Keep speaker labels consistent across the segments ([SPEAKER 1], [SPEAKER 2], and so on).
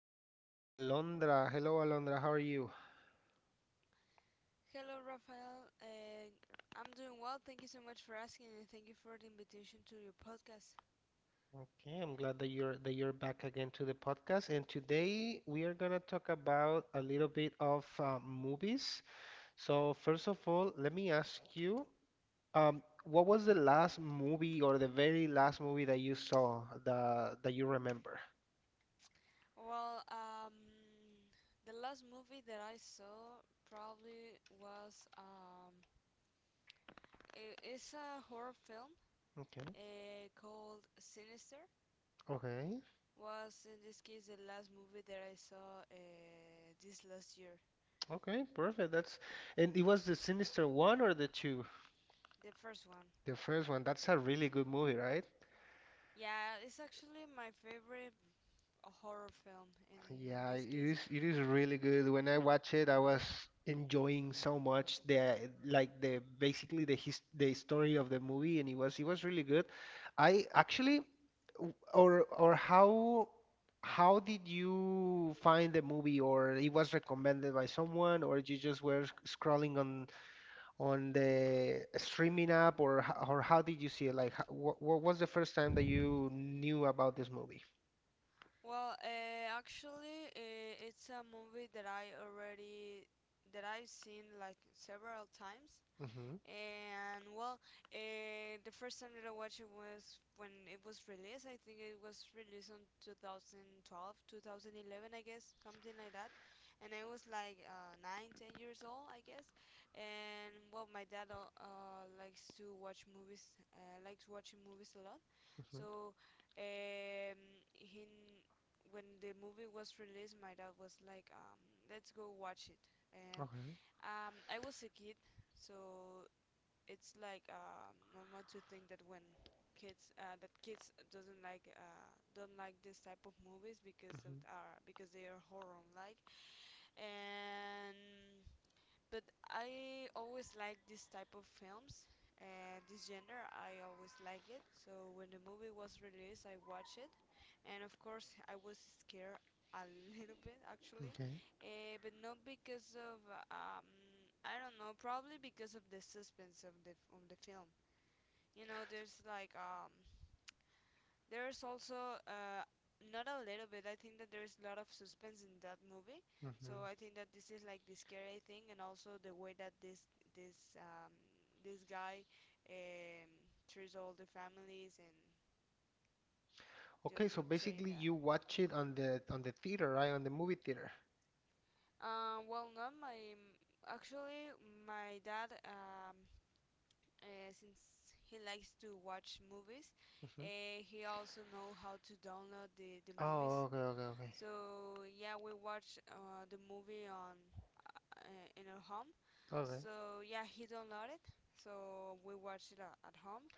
[SPEAKER 1] have back Alondra. Hello, Alondra. How are you?
[SPEAKER 2] Hello, Rafael. I'm doing well. Thank you so much for asking, and thank you for the invitation to your podcast.
[SPEAKER 1] Okay, I'm glad that you're back again to the podcast. And today we are gonna talk about a little bit of movies. So first of all, let me ask you, what was the last movie or the very last movie that you saw that you remember?
[SPEAKER 2] Well, um, the last movie that I saw probably was it's a horror film
[SPEAKER 1] Okay.
[SPEAKER 2] called Sinister.
[SPEAKER 1] Okay.
[SPEAKER 2] Was in this case the last movie that I saw this last year,
[SPEAKER 1] Okay. Perfect. That's and it was the Sinister One or the two?
[SPEAKER 2] the first one.
[SPEAKER 1] The first one, that's a really good movie, right?
[SPEAKER 2] Yeah, yeah, it's actually my favorite horror film in
[SPEAKER 1] Yeah,
[SPEAKER 2] this
[SPEAKER 1] it
[SPEAKER 2] case.
[SPEAKER 1] is it is really good. When I watched it, I was
[SPEAKER 2] Yeah.
[SPEAKER 1] enjoying so much the like the basically the story of the movie and it was really good. I actually w- or how did you find the movie, or it was recommended by someone, or you just were scrolling on the streaming app, or or how did you see it? Like how, what was the first time that you knew about this movie?
[SPEAKER 2] Well, actually, it's a movie that I already that I've seen like several times.
[SPEAKER 1] Mm-hmm.
[SPEAKER 2] And well, the first time that I watched it was when it was released. I think it was released on 2012, 2011, I guess, something like that. And I was like 9, 10 years old, I guess. And well, my dad likes to watch movies, likes watching movies a lot.
[SPEAKER 1] Mm-hmm.
[SPEAKER 2] So um, he, when the movie was released, my dad was like, let's go watch it. And
[SPEAKER 1] Okay.
[SPEAKER 2] I was a kid, so it's normal to think that when kids that kids doesn't like don't like this type of movies
[SPEAKER 1] Mm-hmm.
[SPEAKER 2] because they are horror, like, and but I always like this type of films and this genre. I always like it. So when the movie was released, I watched it, and of course I was scared a little bit actually,
[SPEAKER 1] Okay.
[SPEAKER 2] but not because of um I don't know, probably because of the suspense of the film. You know, there's also not a little bit I think that there's a lot of suspense in that movie, so
[SPEAKER 1] Mm-hmm.
[SPEAKER 2] I think that this is like the scary thing, and also the way that this um, this guy um, treats all the families. And
[SPEAKER 1] Okay,
[SPEAKER 2] just
[SPEAKER 1] so
[SPEAKER 2] not saying
[SPEAKER 1] basically
[SPEAKER 2] that
[SPEAKER 1] you watch it on the theater, right? On the movie theater.
[SPEAKER 2] well not my actually my dad, since he likes to watch movies,
[SPEAKER 1] Mm-hmm.
[SPEAKER 2] he also know how to download the movies.
[SPEAKER 1] Oh, okay, okay, okay.
[SPEAKER 2] So yeah, we watched the movie on in our home.
[SPEAKER 1] Okay.
[SPEAKER 2] So yeah, he downloaded. So we watched it at home,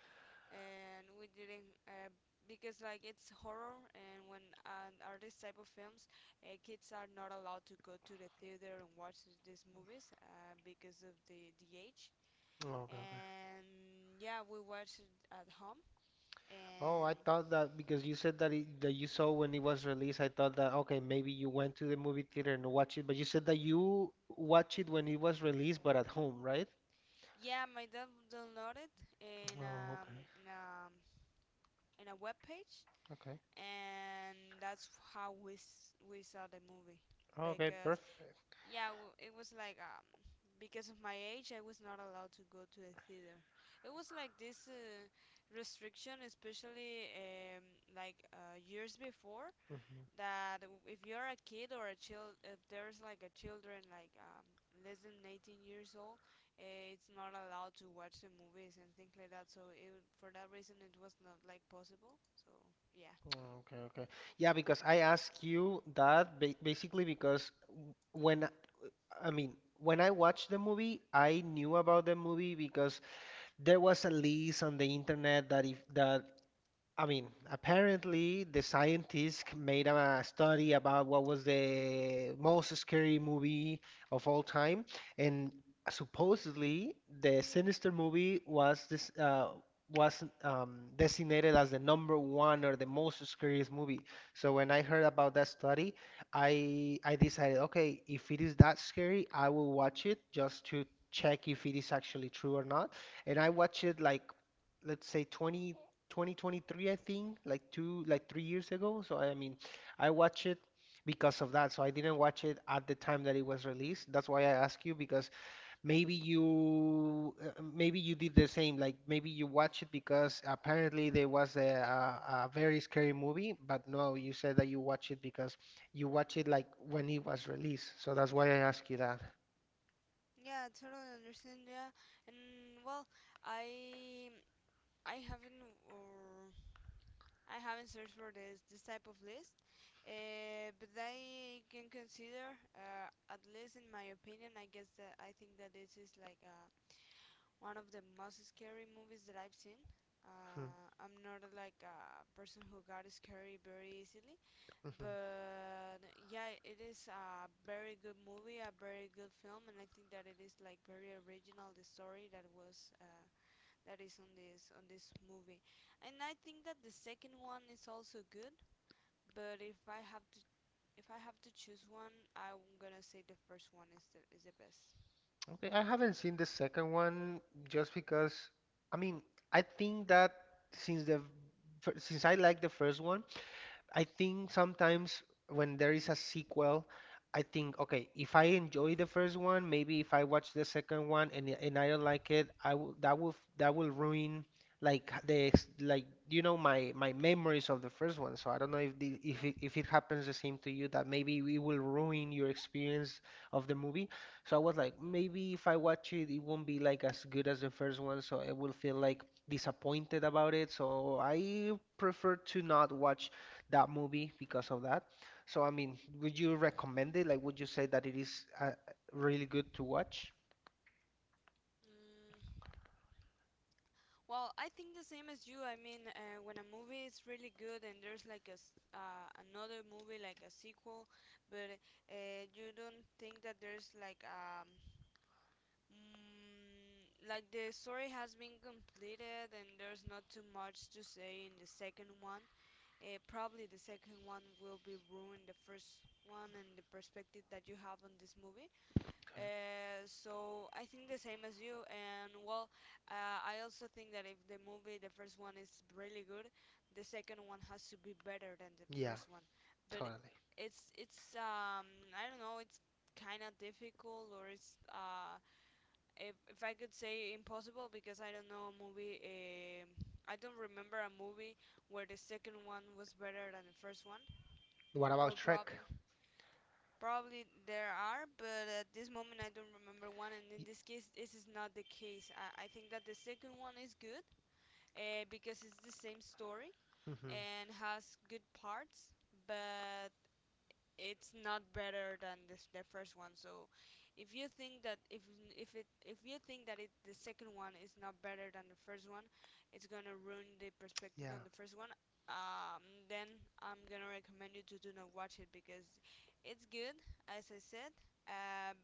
[SPEAKER 2] and we didn't because, like, it's horror, and when and are this type of films, kids are not allowed to go to the theater and watch these movies because of the age.
[SPEAKER 1] Oh, okay, okay.
[SPEAKER 2] And yeah, we watched it at home,
[SPEAKER 1] Oh,
[SPEAKER 2] and
[SPEAKER 1] I thought that because you said that you saw when it was released, I thought that okay, maybe you went to the movie theater and watched it, but you said that you watched it when it was released, but at home, right?
[SPEAKER 2] yeah, my dad downloaded in
[SPEAKER 1] Oh,
[SPEAKER 2] um
[SPEAKER 1] okay.
[SPEAKER 2] in um in a web page,
[SPEAKER 1] Okay.
[SPEAKER 2] and that's how we saw the movie.
[SPEAKER 1] Okay,
[SPEAKER 2] Because
[SPEAKER 1] perfect.
[SPEAKER 2] yeah, it was because of my age, I was not allowed to go to the theater. It was like this restriction, especially years before,
[SPEAKER 1] Mm-hmm.
[SPEAKER 2] that if you're a kid or a child, if there's like a children less than 18 years old, it's not allowed to watch the movies and things like that. So it, for that reason, it was not like possible. So yeah,
[SPEAKER 1] Mm, okay, okay. Yeah, because I ask you that ba basically because when I mean, when I watched the movie, I knew about the movie because there was a list on the internet that if that I mean, apparently the scientists made a study about what was the most scary movie of all time, and supposedly the Sinister movie was this was designated as the number one or the most scariest movie. So when I heard about that study, I decided, okay, if it is that scary, I will watch it just to check if it is actually true or not. And I watched it like let's say 20 2023, I think, like two, like three years ago. So I mean, I watched it because of that. So I didn't watch it at the time that it was released. That's why I ask you because maybe you did the same. Like maybe you watch it because apparently there was a very scary movie, but no, you said that you watch it because you watch it like when it was released. So that's why I ask you that.
[SPEAKER 2] yeah, I totally understand. Yeah, and well, I I haven't or I haven't searched for this type of list. But I can consider, at least in my opinion, I think that this is like a one of the most scary movies that I've seen.
[SPEAKER 1] Mhm,
[SPEAKER 2] I'm not like a person who got scary very easily,
[SPEAKER 1] mhm.
[SPEAKER 2] but yeah, it is a very good movie, a very good film, and I think that it is like very original the story that was that is on this movie, and I think that the second one is also good, but if I have to choose one, I'm gonna say the first one is the best.
[SPEAKER 1] Okay, I haven't seen the second one just because I mean I think that since the since I like the first one, I think sometimes when there is a sequel, I think, okay, if I enjoy the first one, maybe if I watch the second one and I don't like it, I will that will that will ruin like like you know my my memories of the first one. So I don't know
[SPEAKER 2] Yeah.
[SPEAKER 1] if it happens the same to you, that maybe it will ruin your experience of the movie. So I was like, maybe if I watch it, it won't be like as good as the first one, so I will feel like disappointed about it. So I prefer to not watch that movie because of that. So, I mean, would you recommend it? Like, would you say that it is really good to watch?
[SPEAKER 2] Mm, Well, I think the same as you. I mean, when a movie is really good and there's like another movie like a sequel, but you don't think that there's like the story has been completed and there's not too much to say in the second one. Probably the second one will be ruined the first one and the perspective that you have on this movie.
[SPEAKER 1] Okay.
[SPEAKER 2] So I think the same as you, and well, I also think that if the movie, the first one is really good, the second one has to be better than the
[SPEAKER 1] Yeah,
[SPEAKER 2] first one. But
[SPEAKER 1] totally.
[SPEAKER 2] it's I don't know, it's kind of difficult, or it's if I could say impossible because I don't know a movie. I don't remember a movie where the second one was better than the first one.
[SPEAKER 1] What
[SPEAKER 2] Or
[SPEAKER 1] about Shrek?
[SPEAKER 2] probably Probably there are, but at this moment I don't remember one, and
[SPEAKER 1] Y-
[SPEAKER 2] in this case, this is not the case. I think that the second one is good because it's the same story
[SPEAKER 1] mhm,
[SPEAKER 2] and has good parts, but it's not better than this, the first one. So if you think that if if you think that it the second one is not better than the first one, it's gonna ruin the perspective on
[SPEAKER 1] yeah.
[SPEAKER 2] the first one. Um, then I'm gonna recommend you to do not watch it because it's good, as I said. Um,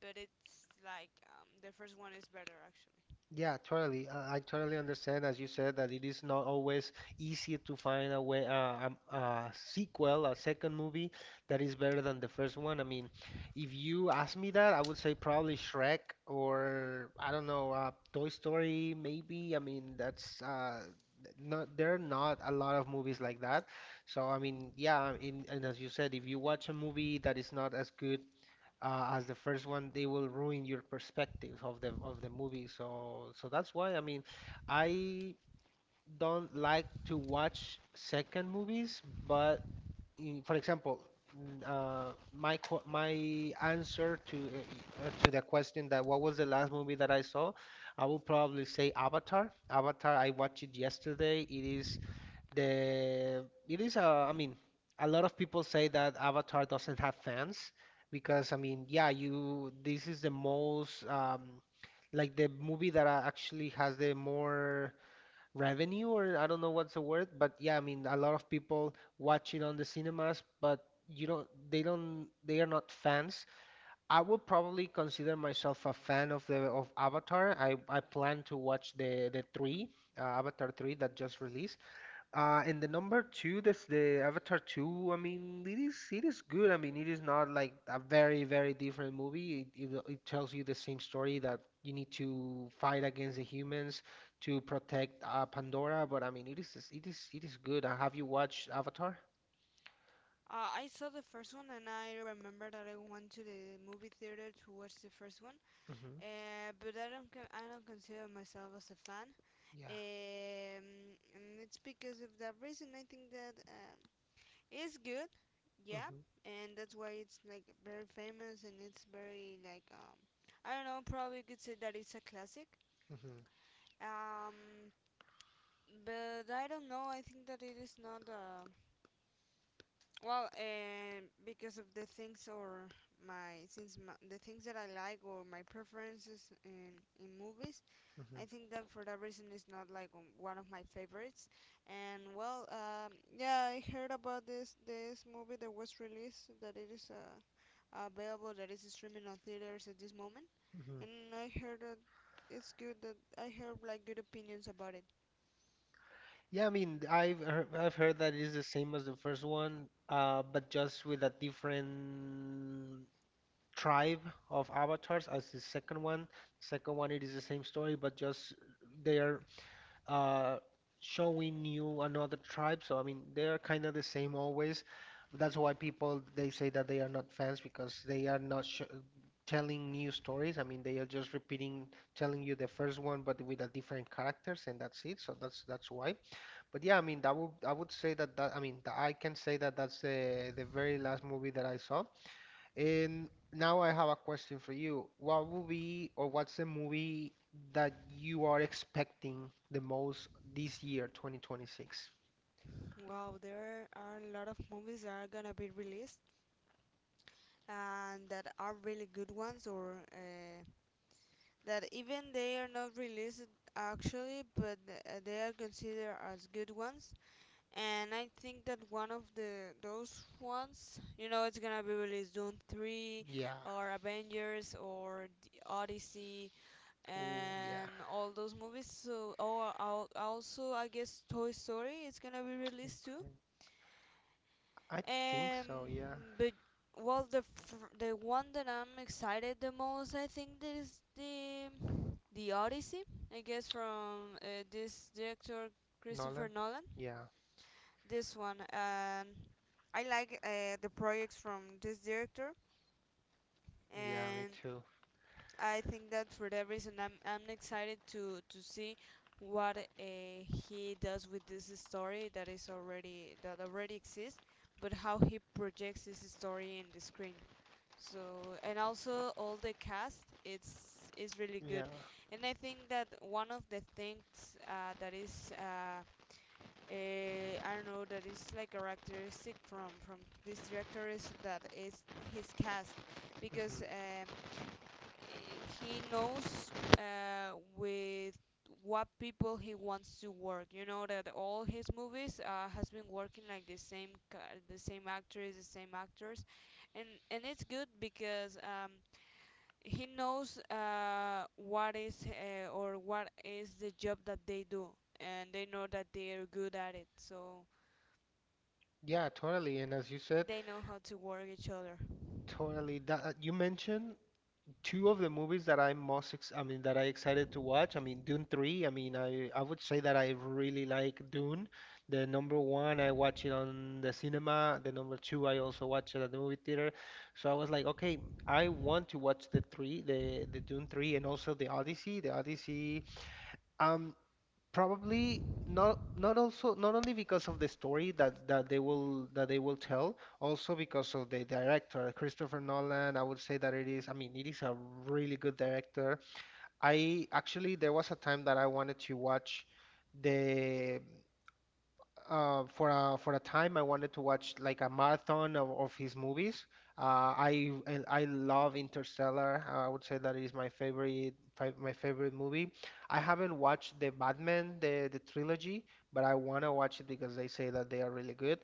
[SPEAKER 2] but it's the first one is better actually.
[SPEAKER 1] Yeah, totally. I totally understand, as you said, that it is not always easy to find a sequel, a second movie that is better than the first one. I mean, if you ask me that, I would say probably Shrek or I don't know, Toy Story, maybe. I mean, that's not there are not a lot of movies like that. So I mean, yeah, and as you said, if you watch a movie that is not as good as the first one, they will ruin your perspective of the movie. So so that's why I mean, I don't like to watch second movies, but for example, my answer to the question that what was the last movie that I saw, I will probably say Avatar. Avatar, I watched it yesterday. It is the it is a, I mean, a lot of people say that Avatar doesn't have fans because I mean, yeah, you this is the most like the movie that actually has the more revenue or I don't know what's the word, but yeah, I mean, a lot of people watch it on the cinemas, but you don't they are not fans. I would probably consider myself a fan of the of Avatar. I plan to watch the Avatar 3 that just released. And the number two, that's the Avatar 2. I mean, it is good. I mean, it is not like a very, very different movie. It tells you the same story that you need to fight against the humans to protect Pandora. But I mean, it is it is good. Have you watched Avatar?
[SPEAKER 2] I saw the first one, and I remember that I went to the movie theater to watch the first one.
[SPEAKER 1] Hmm.
[SPEAKER 2] But I don't consider myself as a fan.
[SPEAKER 1] Yeah.
[SPEAKER 2] And it's because of that reason. I think that it's good, yeah,
[SPEAKER 1] Hmm.
[SPEAKER 2] and that's why it's like very famous and it's very I don't know. Probably you could say that it's a classic.
[SPEAKER 1] Hmm.
[SPEAKER 2] Um, but I don't know. I think that it is not well, and because of the things, or the things that I like, or my preferences in movies, I
[SPEAKER 1] Hmm.
[SPEAKER 2] think that for that reason it's not one of my favorites. And well, yeah, I heard about this movie that was released, that it is available, that is streaming on theaters at this moment.
[SPEAKER 1] Hmm.
[SPEAKER 2] And I heard that it's good that I heard like good opinions about it.
[SPEAKER 1] Yeah, I mean, I've heard that it is the same as the first one, but just with a different tribe of avatars as the second one. Second one, it is the same story, but just they are uh, showing you another tribe. So I mean, they are kind of the same always. That's why people they say that they are not fans because they are not sh telling new stories. I mean, they are just repeating, telling you the first one, but with a different characters, and that's it. So that's why. But yeah, I mean, that would I would say that that I can say that that's the very last movie that I saw. And now I have a question for you. What movie or what's the movie that you are expecting the most this year, 2026?
[SPEAKER 2] Wow, there are a lot of movies that are gonna be released and that are really good ones, or that even they are not released actually, but they are considered as good ones, and I think that one of the those ones, you know, it's gonna be released Doom three,
[SPEAKER 1] Yeah.
[SPEAKER 2] or Avengers, or the Odyssey,
[SPEAKER 1] Oh, yeah.
[SPEAKER 2] and all those movies. So, or also I guess Toy Story is gonna be released too.
[SPEAKER 1] Okay. I think
[SPEAKER 2] Um,
[SPEAKER 1] so, yeah.
[SPEAKER 2] but well, the one that I'm excited the most, I think, that is the Odyssey. I guess from this director Christopher
[SPEAKER 1] Nolan?
[SPEAKER 2] Nolan,
[SPEAKER 1] Yeah.
[SPEAKER 2] this one. And I like the projects from this director,
[SPEAKER 1] Yeah, me
[SPEAKER 2] and
[SPEAKER 1] too.
[SPEAKER 2] I think that for that reason, I'm excited to see what he does with this story that is already exists, but how he projects this story in the screen. So, and also all the cast, it's really
[SPEAKER 1] Yeah.
[SPEAKER 2] good, and I think that one of the things that is uh, I don't know, that is like characteristic from this director is that is his cast, because
[SPEAKER 1] Hmm.
[SPEAKER 2] he knows with what people he wants to work. You know that all his movies has been working like the same actors, and it's good because he knows what is the job that they do, and they know that they are good at it. So.
[SPEAKER 1] Yeah, totally. And as you said,
[SPEAKER 2] They know how to work each other.
[SPEAKER 1] totally that you mentioned two of the movies that I'm most ex I mean that I excited to watch. I mean Dune 3. I mean I would say that I really like Dune. The number one I watch it on the cinema. The number two I also watch it at the movie theater. So I was like, okay, I want to watch the three, the Dune 3 and also the Odyssey. The Odyssey. Um, probably not only because of the story that that they will tell, also because of the director Christopher Nolan. I would say that it is I mean it is a really good director. I actually there was a time that I wanted to watch the for a time, I wanted to watch like a marathon of his movies. I and I love Interstellar. I would say that is my my favorite movie. I haven't watched the Batman the trilogy, but I want to watch it because they say that they are really good.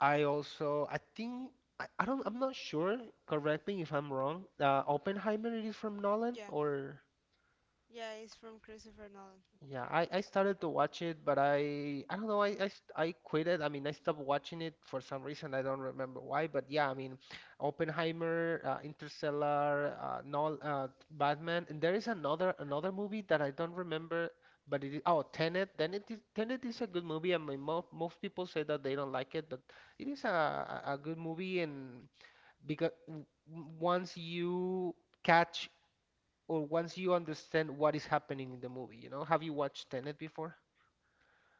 [SPEAKER 1] I also I think I don't I'm not sure. Correct me if I'm wrong. Oppenheimer, it is from Nolan?
[SPEAKER 2] Yeah,
[SPEAKER 1] Or
[SPEAKER 2] yeah, it's from Christopher Nolan.
[SPEAKER 1] yeah, I started to watch it, but I don't know, I quit it. I mean, I stopped watching it for some reason. I don't remember why, but yeah, I mean, Oppenheimer, Interstellar, Batman, and there is another another movie that I don't remember, but it is, oh, Tenet. Then it is, Tenet is a good movie. I mean, mo most people say that they don't like it, but it is a good movie, and because once you catch or once you understand what is happening in the movie, you know? Have you watched Tenet before?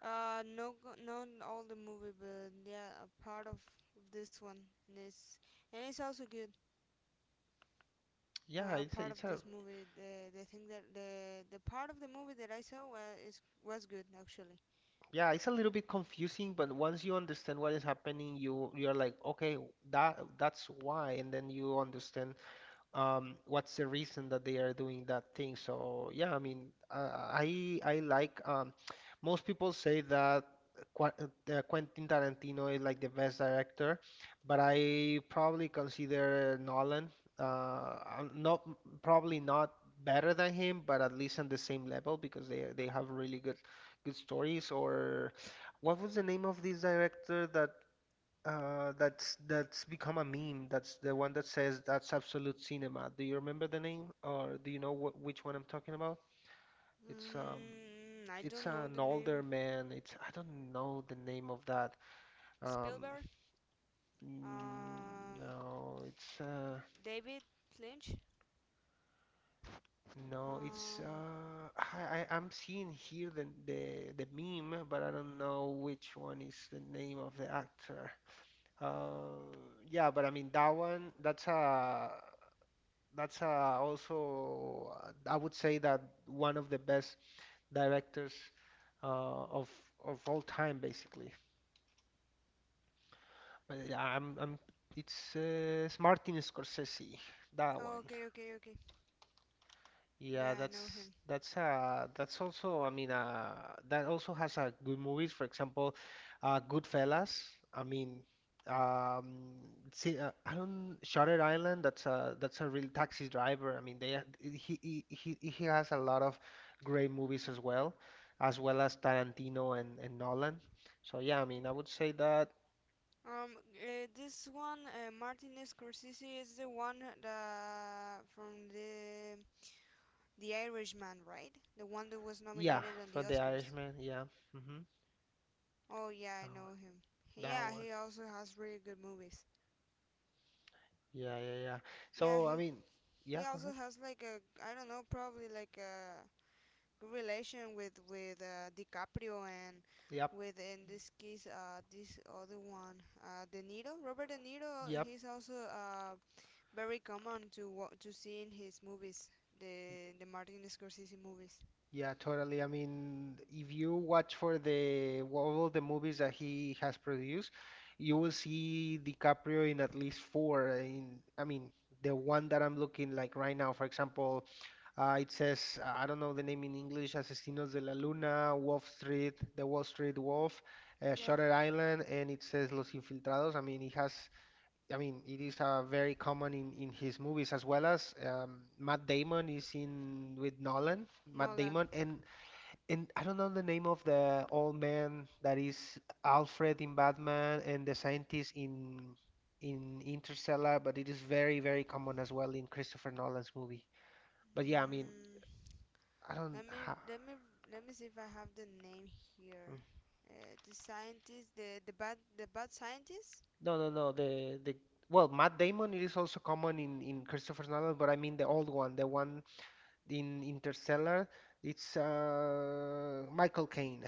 [SPEAKER 2] No, not all the movie, but yeah, a part of this one is, and it's also good.
[SPEAKER 1] Yeah, it's
[SPEAKER 2] Part of
[SPEAKER 1] it's a
[SPEAKER 2] this movie, the part of the movie that I saw was is, was good actually.
[SPEAKER 1] yeah, it's a little bit confusing, but once you understand what is happening, you're like, okay, that that's why, and then you understand what's the reason that they are doing that thing. So yeah, I mean, I like most people say that Quentin Tarantino is like the best director, but I probably consider Nolan not probably not better than him, but at least on the same level because they have really good stories. Or what was the name of this director that that's become a meme. That's the one that says that's absolute cinema. Do you remember the name, or do you know wh which one I'm talking about? It's um,
[SPEAKER 2] Mm, I
[SPEAKER 1] it's
[SPEAKER 2] don't know
[SPEAKER 1] an
[SPEAKER 2] the
[SPEAKER 1] older
[SPEAKER 2] name.
[SPEAKER 1] man. It's I don't know the name of that. Um,
[SPEAKER 2] Spielberg.
[SPEAKER 1] mm,
[SPEAKER 2] Um,
[SPEAKER 1] no, it's uh,
[SPEAKER 2] David Lynch.
[SPEAKER 1] no, it's
[SPEAKER 2] Um.
[SPEAKER 1] I'm seeing here the meme, but I don't know which one is the name of the actor. Uh, yeah, but I mean that one. That's a that's Also, I would say that one of the best directors uh, of of all time, basically. But yeah, I'm it's Martin Scorsese, that
[SPEAKER 2] Oh,
[SPEAKER 1] one.
[SPEAKER 2] okay, okay, okay.
[SPEAKER 1] Yeah,
[SPEAKER 2] Yeah, I know
[SPEAKER 1] that's
[SPEAKER 2] him.
[SPEAKER 1] that's uh that's also, I mean, that also has good movies. For example, Goodfellas. I mean, um, see, I don't Shutter Island. That's a real taxi driver. I mean, they he has a lot of great movies as well, as well as Tarantino and Nolan. So yeah, I mean, I would say that
[SPEAKER 2] This one, Martin Scorsese, is the one that from the Irishman, right? The one that was
[SPEAKER 1] yeah,
[SPEAKER 2] nominated on
[SPEAKER 1] for
[SPEAKER 2] the
[SPEAKER 1] The
[SPEAKER 2] Oscars.
[SPEAKER 1] Irishman, yeah. Hmm.
[SPEAKER 2] Oh yeah, I
[SPEAKER 1] That
[SPEAKER 2] know
[SPEAKER 1] one,
[SPEAKER 2] him.
[SPEAKER 1] that
[SPEAKER 2] Yeah,
[SPEAKER 1] one.
[SPEAKER 2] he also has really good movies.
[SPEAKER 1] Yeah, yeah, yeah.
[SPEAKER 2] Yeah,
[SPEAKER 1] So I mean, yeah,
[SPEAKER 2] he
[SPEAKER 1] go ahead.
[SPEAKER 2] also has like a I don't know, probably like a good relation with DiCaprio, and
[SPEAKER 1] Yep.
[SPEAKER 2] with in this case this other one, De Niro, Robert De Niro.
[SPEAKER 1] Yep.
[SPEAKER 2] He's also very common to to see in his movies, the Martin Scorsese movies.
[SPEAKER 1] Yeah, totally. I mean, if you watch for the all the movies that he has produced, you will see DiCaprio in at least four. In I mean, the one that I'm looking like right now, for example, it says I don't know the name in English, Asesinos de la Luna, Wolf Street, The Wall Street Wolf,
[SPEAKER 2] Yeah,
[SPEAKER 1] Shutter Island, and it says Los Infiltrados. I mean, he has I mean, it is very common in his movies as well as Matt Damon is in with Nolan. Matt
[SPEAKER 2] Nolan.
[SPEAKER 1] Damon and I don't know the name of the old man that is Alfred in Batman and the scientist in Interstellar, but it is very very common as well in Christopher Nolan's movie. But yeah, I mean,
[SPEAKER 2] Mm,
[SPEAKER 1] I don't
[SPEAKER 2] let me
[SPEAKER 1] ha
[SPEAKER 2] let me let me see if I have the name here.
[SPEAKER 1] mm.
[SPEAKER 2] The scientist, the bad scientist.
[SPEAKER 1] No no no the the well Matt Damon it is also common in Christopher Nolan, but I mean the old one, the one in Interstellar. It's Michael Caine.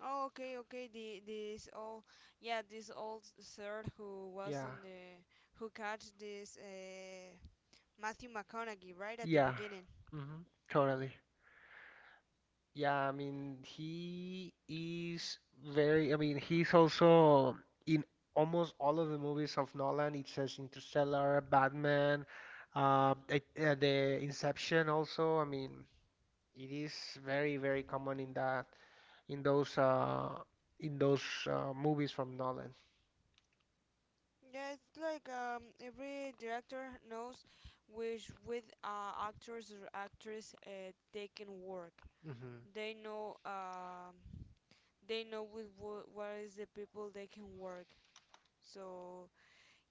[SPEAKER 2] Oh, okay, okay. The this old, yeah, this old sir who was
[SPEAKER 1] Yeah,
[SPEAKER 2] in the who catch this Matthew McConaughey right at the
[SPEAKER 1] yeah,
[SPEAKER 2] beginning.
[SPEAKER 1] hmm totally. Yeah, I mean, he is very, I mean, he's also in almost all of the movies of Nolan. It says Interstellar, Batman, the Inception also. I mean, it is very, very common in that, in those, uh, in those movies from Nolan.
[SPEAKER 2] Yeah, it's like every director knows which with actors or actress they can work.
[SPEAKER 1] Hmm.
[SPEAKER 2] They know um, they know what is the people they can work. So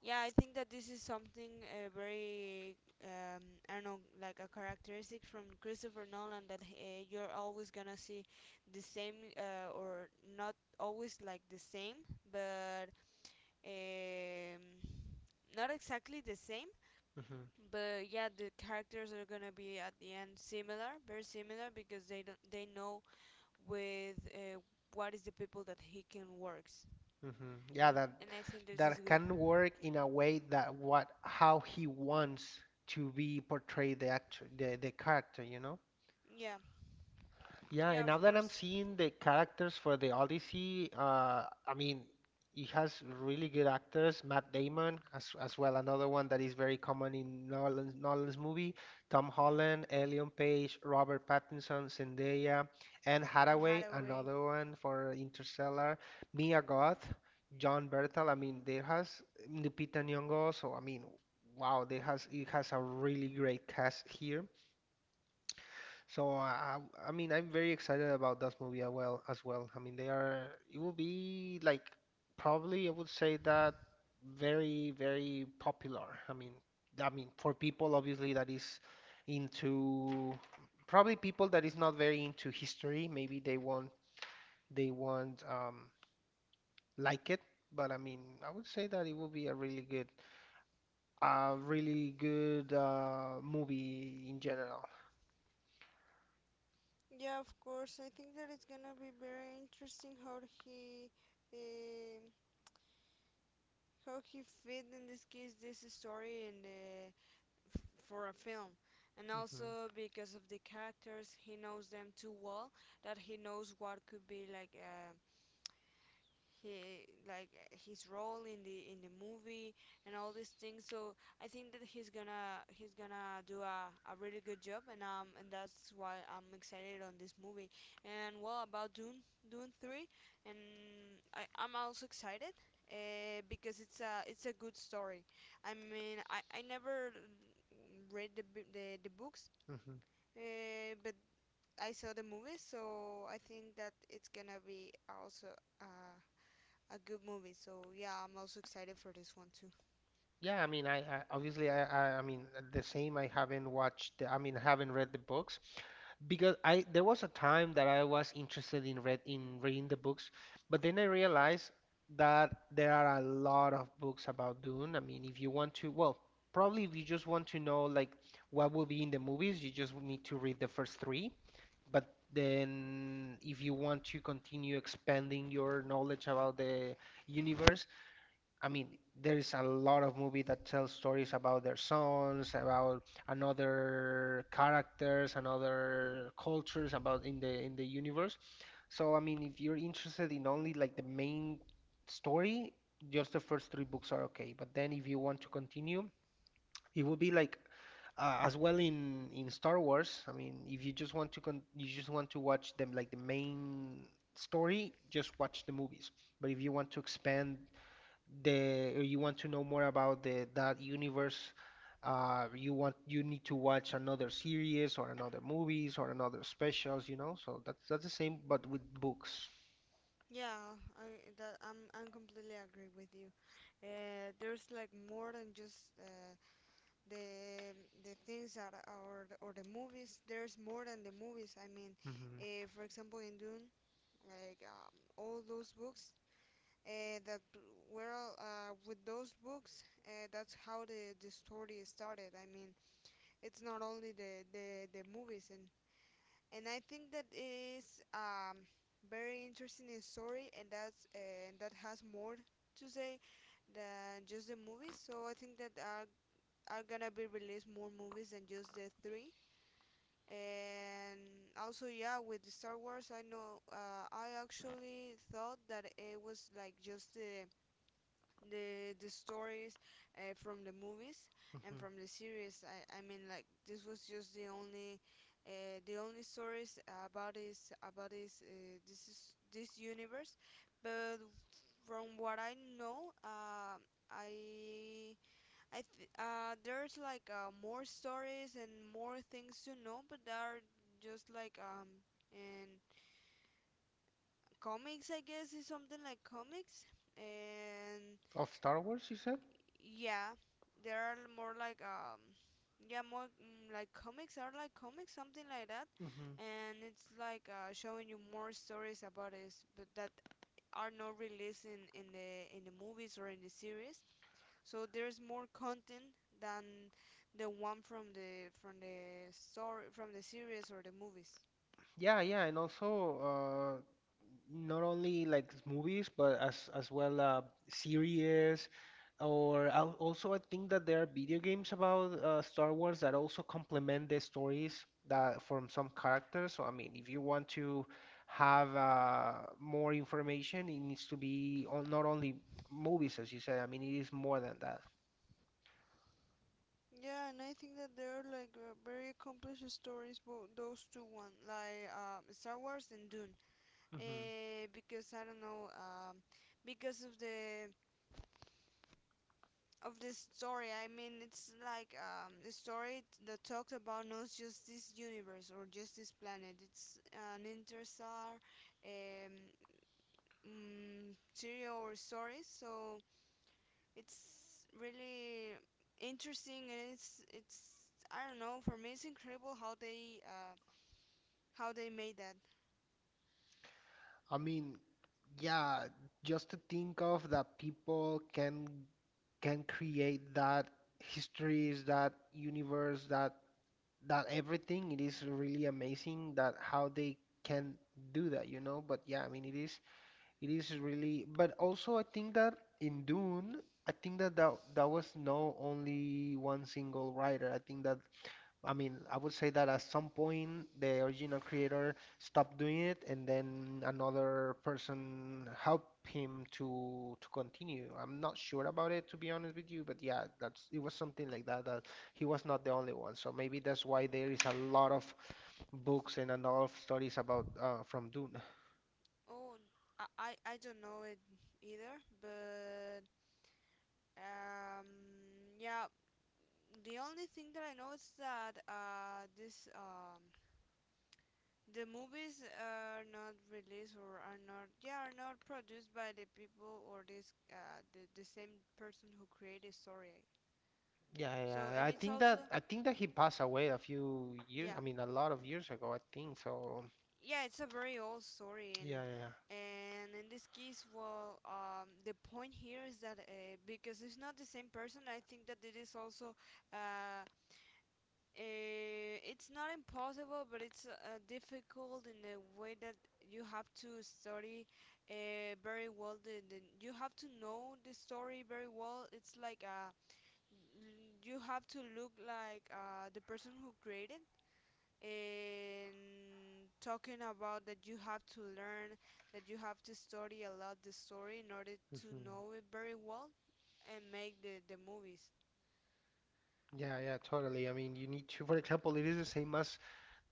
[SPEAKER 2] yeah, I think that this is something um, I don't know, like a characteristic from Christopher Nolan that you're always gonna see the same, or not always like the same, but um, not exactly the same.
[SPEAKER 1] Hmm.
[SPEAKER 2] But yeah, the characters are gonna be at the end similar, very similar, because they don't, they know with what is the people that he can works,
[SPEAKER 1] Hmm.
[SPEAKER 2] and
[SPEAKER 1] Yeah, that
[SPEAKER 2] I think this is
[SPEAKER 1] that
[SPEAKER 2] good.
[SPEAKER 1] can work in a way that what how he wants to be portrayed the actor, the character, you know?
[SPEAKER 2] Yeah,
[SPEAKER 1] Yeah,
[SPEAKER 2] yeah,
[SPEAKER 1] and
[SPEAKER 2] of
[SPEAKER 1] now that I'm
[SPEAKER 2] course,
[SPEAKER 1] seeing the characters for the Odyssey, I mean, it has really good actors. Matt Damon, as well, another one that is very common in Nolan's movie. Tom
[SPEAKER 2] yeah.
[SPEAKER 1] Holland, Ellen Page, Robert Pattinson, Zendaya, Anne
[SPEAKER 2] Anne
[SPEAKER 1] Hathaway,
[SPEAKER 2] Hathaway.
[SPEAKER 1] another one for Interstellar. Mia Goth, John Bertal. I mean, there has Lupita Nyong'o. So I mean, wow, there has it has a really great cast here. So I mean, I'm very excited about that movie as well. As well, I mean, they are. It will be like probably I would say that very, very popular. I mean for people obviously that is into probably people that is not very into history. Maybe they won't like it. But I mean, I would say that it will be a really good movie in general.
[SPEAKER 2] Yeah, of course. I think that it's gonna be very interesting um, how he fit in this case this story and the f- for a film, and also
[SPEAKER 1] Hmm.
[SPEAKER 2] because of the characters, he knows them too well that he knows what could be like. He like his role in the movie and all these things. So I think that he's gonna do a really good job, and that's why I'm excited on this movie. And well, about Dune three, and I'm also excited. Because it's a good story. I mean, I never read the books,
[SPEAKER 1] Hmm.
[SPEAKER 2] but I saw the movies, so I think that it's gonna be also uh, a good movie. So yeah, I'm also excited for this one too.
[SPEAKER 1] Yeah, I mean, I mean, the same. I haven't watched, the, I mean, I haven't read the books because I there was a time that I was interested in read in reading the books, but then I realized that there are a lot of books about Dune. I mean, if you want to, well, probably if you just want to know like what will be in the movies, you just need to read the first three. But then, if you want to continue expanding your knowledge about the universe, I mean, there is a lot of movie that tells stories about their sons, about another characters, another cultures, about in the universe. So I mean, if you're interested in only like the main story, just the first three books are okay. But then if you want to continue, it would be like as well in Star Wars. I mean, if you just want to con you just want to watch them like the main story, just watch the movies. But if you want to expand the or you want to know more about the that universe, you want you need to watch another series or another movies or another specials, you know. So that's the same, but with books.
[SPEAKER 2] Yeah, I'm completely agree with you. There's like more than just the the things that are or the movies. There's more than the movies. I mean,
[SPEAKER 1] Hmm.
[SPEAKER 2] for example, in Dune, like all those books that were all, with those books. That's how the story started. I mean, it's not only the movies, and I think that is very interesting in story, and that has more to say than just the movies. So I think that are gonna be released more movies than just the three. And also, yeah, with the Star Wars, I know, I actually thought that it was like just the stories from the movies and
[SPEAKER 1] Hmm.
[SPEAKER 2] from the series. I mean, like this was just the only stories about this universe. But from what I know, I there's like more stories and more things to know, but there are just like and comics, I guess, is something like comics and
[SPEAKER 1] Of Star Wars, you said?
[SPEAKER 2] Yeah, there are more like like comics, are like comics, something like that,
[SPEAKER 1] Hmm.
[SPEAKER 2] and it's like showing you more stories about this, but that are not released in the movies or in the series. So there's more content than the one from the story, from the series or the movies.
[SPEAKER 1] Yeah, yeah, and also not only like s- movies, but as well series, or al- also I think that there are video games about Star Wars that also complement the stories that from some characters. So I mean, if you want to have more information, it needs to be on not only movies, as you said. I mean, it is more than that.
[SPEAKER 2] Yeah, and I think that they are like very accomplished stories, but those two one, like Star Wars and Dune. Because I don't know, because of the story. I mean, it's like a story that talks about not just this universe or just this planet. It's an interstellar um, serial or story, so it's really interesting, and it's I don't know. For me, it's incredible how they made that.
[SPEAKER 1] I mean, yeah, just to think of that people can create that histories, that universe, that that everything, it is really amazing that how they can do that, you know? But yeah, I mean, it is really, but also I think that in Dune, I think that that, that was no only one single writer. I think that I mean, I would say that at some point the original creator stopped doing it, and then another person helped him to continue. I'm not sure about it, to be honest with you, but yeah, that's it was something like that, that he was not the only one. So maybe that's why there is a lot of books and a lot of stories about from Dune.
[SPEAKER 2] Oh, I don't know it either, but Um, yeah, the only thing that I know is that this the movies are not released or are not, yeah, are not produced by the people or this the same person who created the story.
[SPEAKER 1] Yeah,
[SPEAKER 2] So
[SPEAKER 1] yeah.
[SPEAKER 2] and it's also,
[SPEAKER 1] I think that he passed away a few years,
[SPEAKER 2] yeah,
[SPEAKER 1] I mean, a lot of years ago, I think. So
[SPEAKER 2] yeah, it's a very old story, and
[SPEAKER 1] yeah, yeah.
[SPEAKER 2] in this case, well, the point here is that because it's not the same person, I think that it is also uh, it's not impossible, but it's difficult in the way that you have to study very well. You have to know the story very well. It's like you have to look like the person who created, and talking about that, you have to learn, that you have to study a lot the story in order
[SPEAKER 1] Yeah.
[SPEAKER 2] to
[SPEAKER 1] Mhm.
[SPEAKER 2] know it very well and make the movies.
[SPEAKER 1] Yeah, yeah, totally. I mean, you need to, for example, it is the same as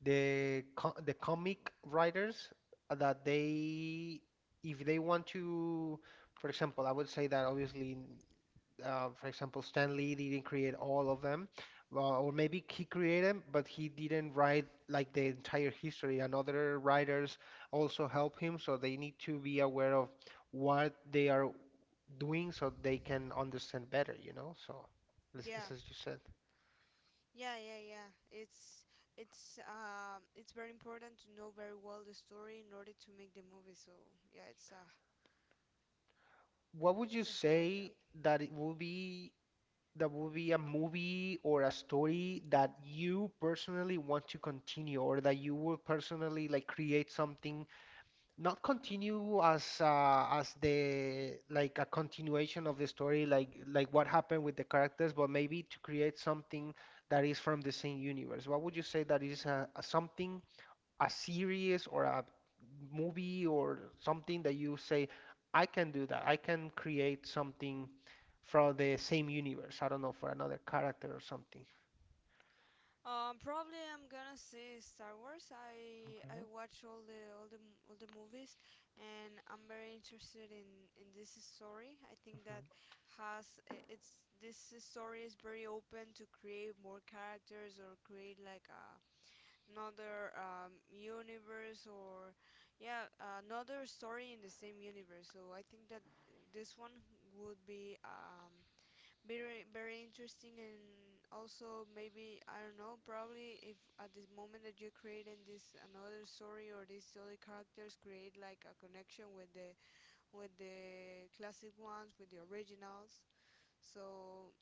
[SPEAKER 1] the comic writers that they, if they want to, for example, I would say that obviously, for example, Stan Lee didn't create all of them, or maybe he created them, but he didn't write like the entire history, and other writers also help him, so they need to be aware of what they are doing so they can understand better, you know? So,
[SPEAKER 2] Yeah.
[SPEAKER 1] this is just it.
[SPEAKER 2] Yeah, yeah, yeah. It's very important to know very well the story in order to make the movie. So yeah,
[SPEAKER 1] What would you
[SPEAKER 2] it's a hard job.
[SPEAKER 1] say that it would be that would be a movie or a story that you personally want to continue or that you will personally like create something not continue as the like a continuation of the story like what happened with the characters but maybe to create something that is from the same universe. What would you say that is something a series or a movie or something that you say, I can do that. I can create something from the same universe. I don't know, for another character or something.
[SPEAKER 2] Probably I'm gonna see Star Wars. I
[SPEAKER 1] Okay.
[SPEAKER 2] watch all the movies, and I'm very interested in this story. I think that
[SPEAKER 1] Hmm.
[SPEAKER 2] it's this story is very open to create more characters or create like a another universe or yeah another story in the same universe, so I think that this one would be very, very interesting, and also maybe I don't know, probably if at this moment that you are creating this another story or these other characters, create like a connection with the classic ones, with the originals, so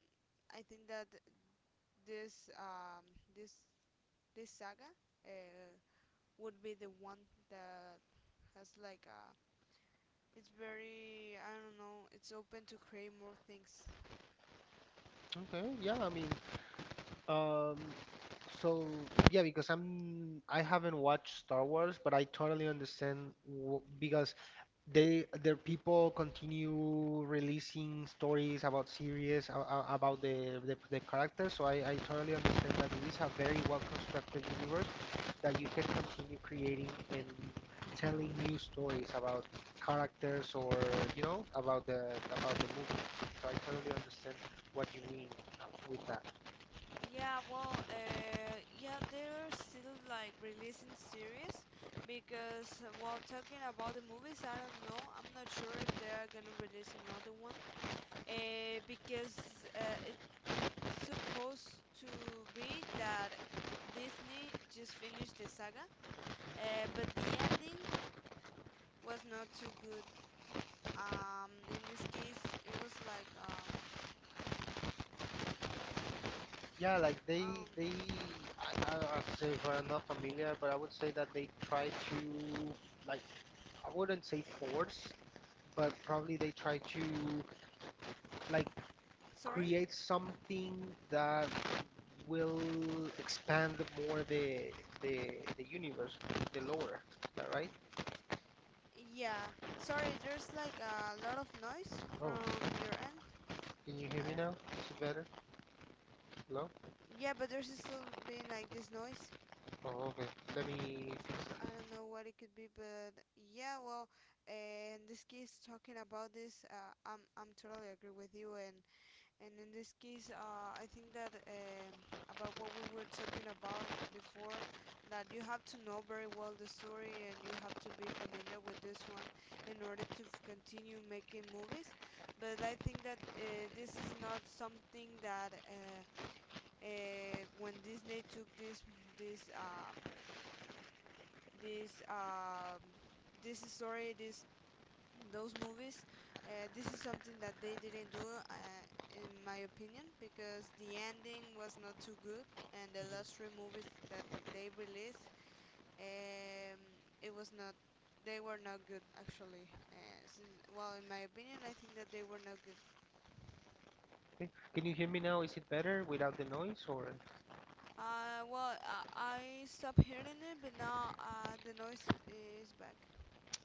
[SPEAKER 2] I think that this um, this this saga uh, would be the one that has like a it's very, I don't know, it's open to create more things.
[SPEAKER 1] Okay. Yeah, I mean, Um, so yeah, because I'm I haven't watched Star Wars, but I totally understand w because they their people continue releasing stories about series about the characters. So I totally understand that it is a very well constructed universe that you can continue creating and telling new stories about characters or you know about the movie. So I totally understand what you mean with that.
[SPEAKER 2] Yeah, well, yeah, they're still like releasing series because while talking about the movies, I don't know, I'm not sure if they are gonna release another one. Because it's supposed to be that Disney just finished the saga, but the ending was not too good. In this case, it was like
[SPEAKER 1] Yeah, like
[SPEAKER 2] um,
[SPEAKER 1] they I say if I'm not familiar, but I would say that they try to like I wouldn't say force, but probably they try to like
[SPEAKER 2] sorry.
[SPEAKER 1] create something that will expand more the the universe, the lore. Is that right?
[SPEAKER 2] Yeah, sorry. There's like a lot of noise
[SPEAKER 1] Oh,
[SPEAKER 2] from your end.
[SPEAKER 1] can you hear me
[SPEAKER 2] I
[SPEAKER 1] now?
[SPEAKER 2] don't.
[SPEAKER 1] Is it better? Hello?
[SPEAKER 2] Yeah, but there's still being like this noise.
[SPEAKER 1] Oh, okay. Let me fix
[SPEAKER 2] I
[SPEAKER 1] that.
[SPEAKER 2] don't know what it could be, but yeah. Well, in this case, talking about this, I'm totally agree with you, and and in this case, I think that about what we were talking about before, that you have to know very well the story and you have to be familiar with this one in order to continue making movies. But I think that this is not something that when Disney took this um, this um, this story, this those movies. This is something that they didn't do, uh, in my opinion, because the ending was not too good, and the last
[SPEAKER 1] Mhm.
[SPEAKER 2] three movies that they released, um, it was not. They were not good, actually. Since, well, in my opinion, I think that they were not good.
[SPEAKER 1] Okay. Can you hear me now? Is it better without the noise or?
[SPEAKER 2] Well, I stopped hearing it, but now the noise is back.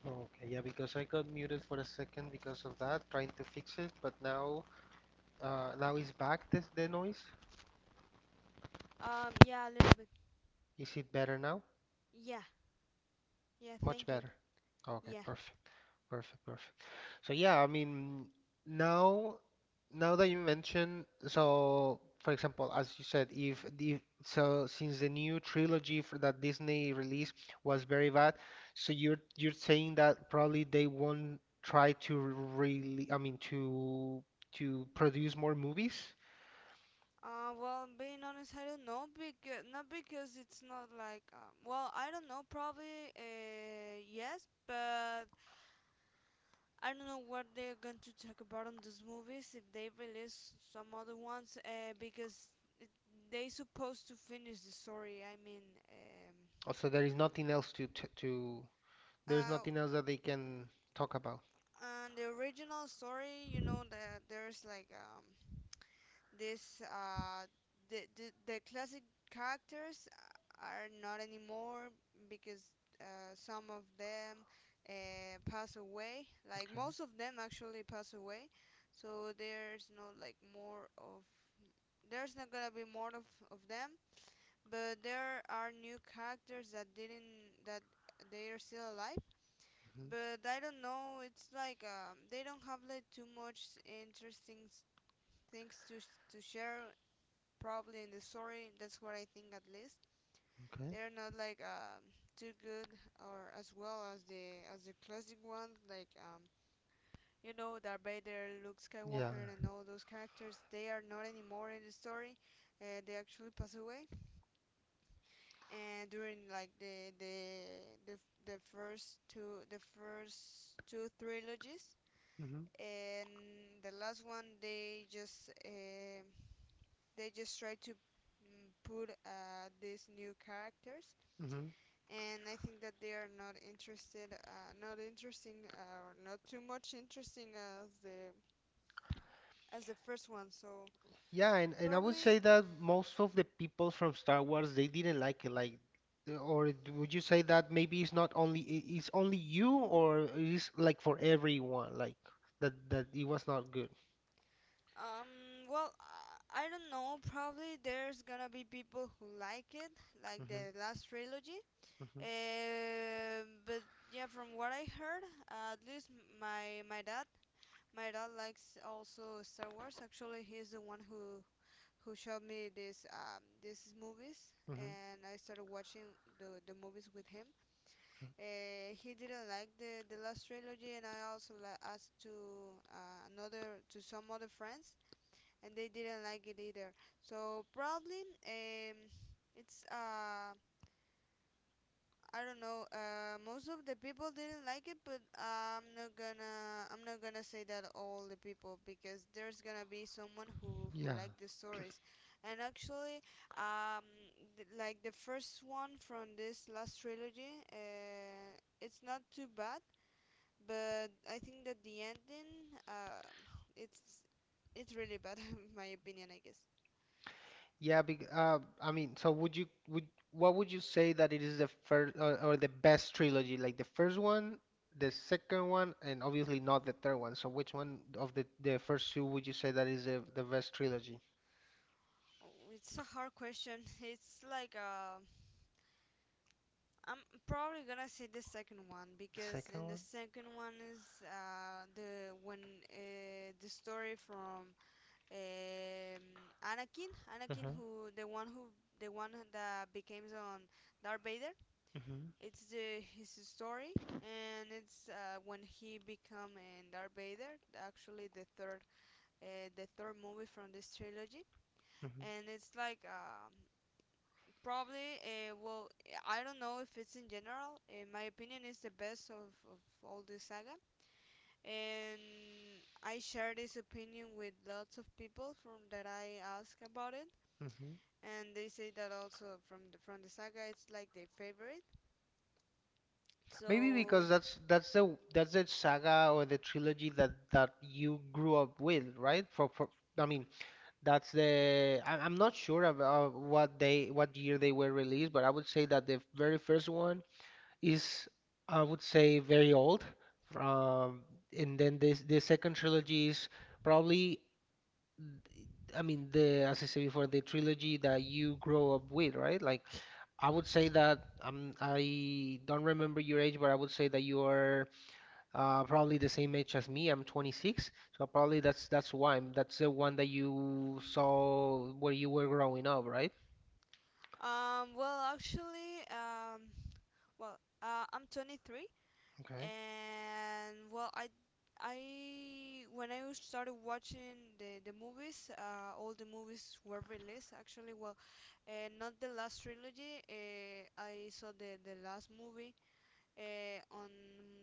[SPEAKER 1] Okay, yeah, because I got muted for a second because of that, trying to fix it, but now now it's back this the noise.
[SPEAKER 2] Yeah, a little bit.
[SPEAKER 1] Is it better now?
[SPEAKER 2] Yeah, yeah,
[SPEAKER 1] Much
[SPEAKER 2] thank you.
[SPEAKER 1] better. Okay,
[SPEAKER 2] Yeah.
[SPEAKER 1] perfect. Perfect, perfect. So yeah, I mean, now now that you mention, so for example, as you said, if the so since the new trilogy for that Disney release was very bad, so you're saying that probably they won't try to really, I mean, to produce more movies.
[SPEAKER 2] Well, being honest, I don't know because not because it's not like well, I don't know. Probably yes, but I don't know what they're going to talk about on those movies if they release some other ones. Because it, they supposed to finish the story. I mean,
[SPEAKER 1] Also, there is nothing else to
[SPEAKER 2] um,
[SPEAKER 1] there is
[SPEAKER 2] uh,
[SPEAKER 1] nothing else that they can talk about.
[SPEAKER 2] and the original story, you know that there's like this uh, the classic characters are not anymore because some of them pass away. Like
[SPEAKER 1] Okay.
[SPEAKER 2] most of them actually pass away, so there's no like more of, there's not gonna be more of them. But there are new characters that didn't that they are still alive.
[SPEAKER 1] Hmm.
[SPEAKER 2] But I don't know. It's like they don't have like too much interesting things to to share probably in the story. That's what I think at least.
[SPEAKER 1] Okay.
[SPEAKER 2] They're not like too good or as well as the classic ones. Like you know, Darth Vader, Luke
[SPEAKER 1] Yeah.
[SPEAKER 2] Skywalker, and all those characters. They are not anymore in the story. They actually pass away. And during like the, the first two trilogies,
[SPEAKER 1] Mm-hmm.
[SPEAKER 2] and the last one, they just try to put these new characters, and I think that they are not interested, not interesting, or not too much interesting as the first one. So
[SPEAKER 1] Yeah, and I would say
[SPEAKER 2] probably,
[SPEAKER 1] that most of the people from Star Wars they didn't like it. Would you say that maybe it's not only I- it's only you, or it's like for everyone, like that it was not good.
[SPEAKER 2] well, I don't know. Probably there's gonna be people who like it, like
[SPEAKER 1] Hmm.
[SPEAKER 2] the last trilogy.
[SPEAKER 1] Hmm.
[SPEAKER 2] But yeah, from what I heard, at least my dad, my dad likes also Star Wars. Actually, he's the one who showed me this these movies,
[SPEAKER 1] Hmm.
[SPEAKER 2] and I started watching the movies with him. He didn't like the last trilogy, and I also asked to another to some other friends, and they didn't like it either. So probably um, it's I don't know. Most of the people didn't like it, but I'm not gonna say that all the people because there's gonna be someone who
[SPEAKER 1] Yeah,
[SPEAKER 2] like the stories. And actually, um, like the first one from this last trilogy, it's not too bad, but I think that the ending, it's it's really bad, in my opinion, I guess.
[SPEAKER 1] yeah. Bec I mean, so would you would what would you say that it is the first, or the best trilogy? Like the first one, the second one, and obviously not the third one. So which one of the first two would you say that is the best trilogy?
[SPEAKER 2] Oh, it's a hard question. It's like I'm probably gonna say the second one
[SPEAKER 1] The
[SPEAKER 2] because
[SPEAKER 1] second
[SPEAKER 2] in the
[SPEAKER 1] one?
[SPEAKER 2] second one is the when the story from um, Anakin,
[SPEAKER 1] Mhm.
[SPEAKER 2] who the one that became on Darth Vader.
[SPEAKER 1] Mhm.
[SPEAKER 2] It's the his story and it's when he become in Darth Vader. Actually, the third movie from this trilogy,
[SPEAKER 1] Mhm.
[SPEAKER 2] and it's like probably, I don't know if it's in general. My opinion is the best of all the saga, and I share this opinion with lots of people from that I ask about it,
[SPEAKER 1] Mhm.
[SPEAKER 2] and they say that also from the saga, it's like their favorite.
[SPEAKER 1] Maybe
[SPEAKER 2] So,
[SPEAKER 1] because that's the saga or the trilogy that you grew up with, right? For I mean, that's the I'm not sure about what they what year they were released, but I would say that the very first one is, I would say, very old. Um, and then this the second trilogy is probably, I mean, the, as I said before, the trilogy that you grow up with, right? Like I would say that I don't remember your age, but I would say that you are probably the same age as me. I'm 26, so probably that's why. That's the one that you saw where you were growing up, right?
[SPEAKER 2] um, well, actually, um, well, I'm 23,
[SPEAKER 1] Okay.
[SPEAKER 2] and well, I when I was started watching the movies all the movies were released actually well not the last trilogy, I saw the last movie on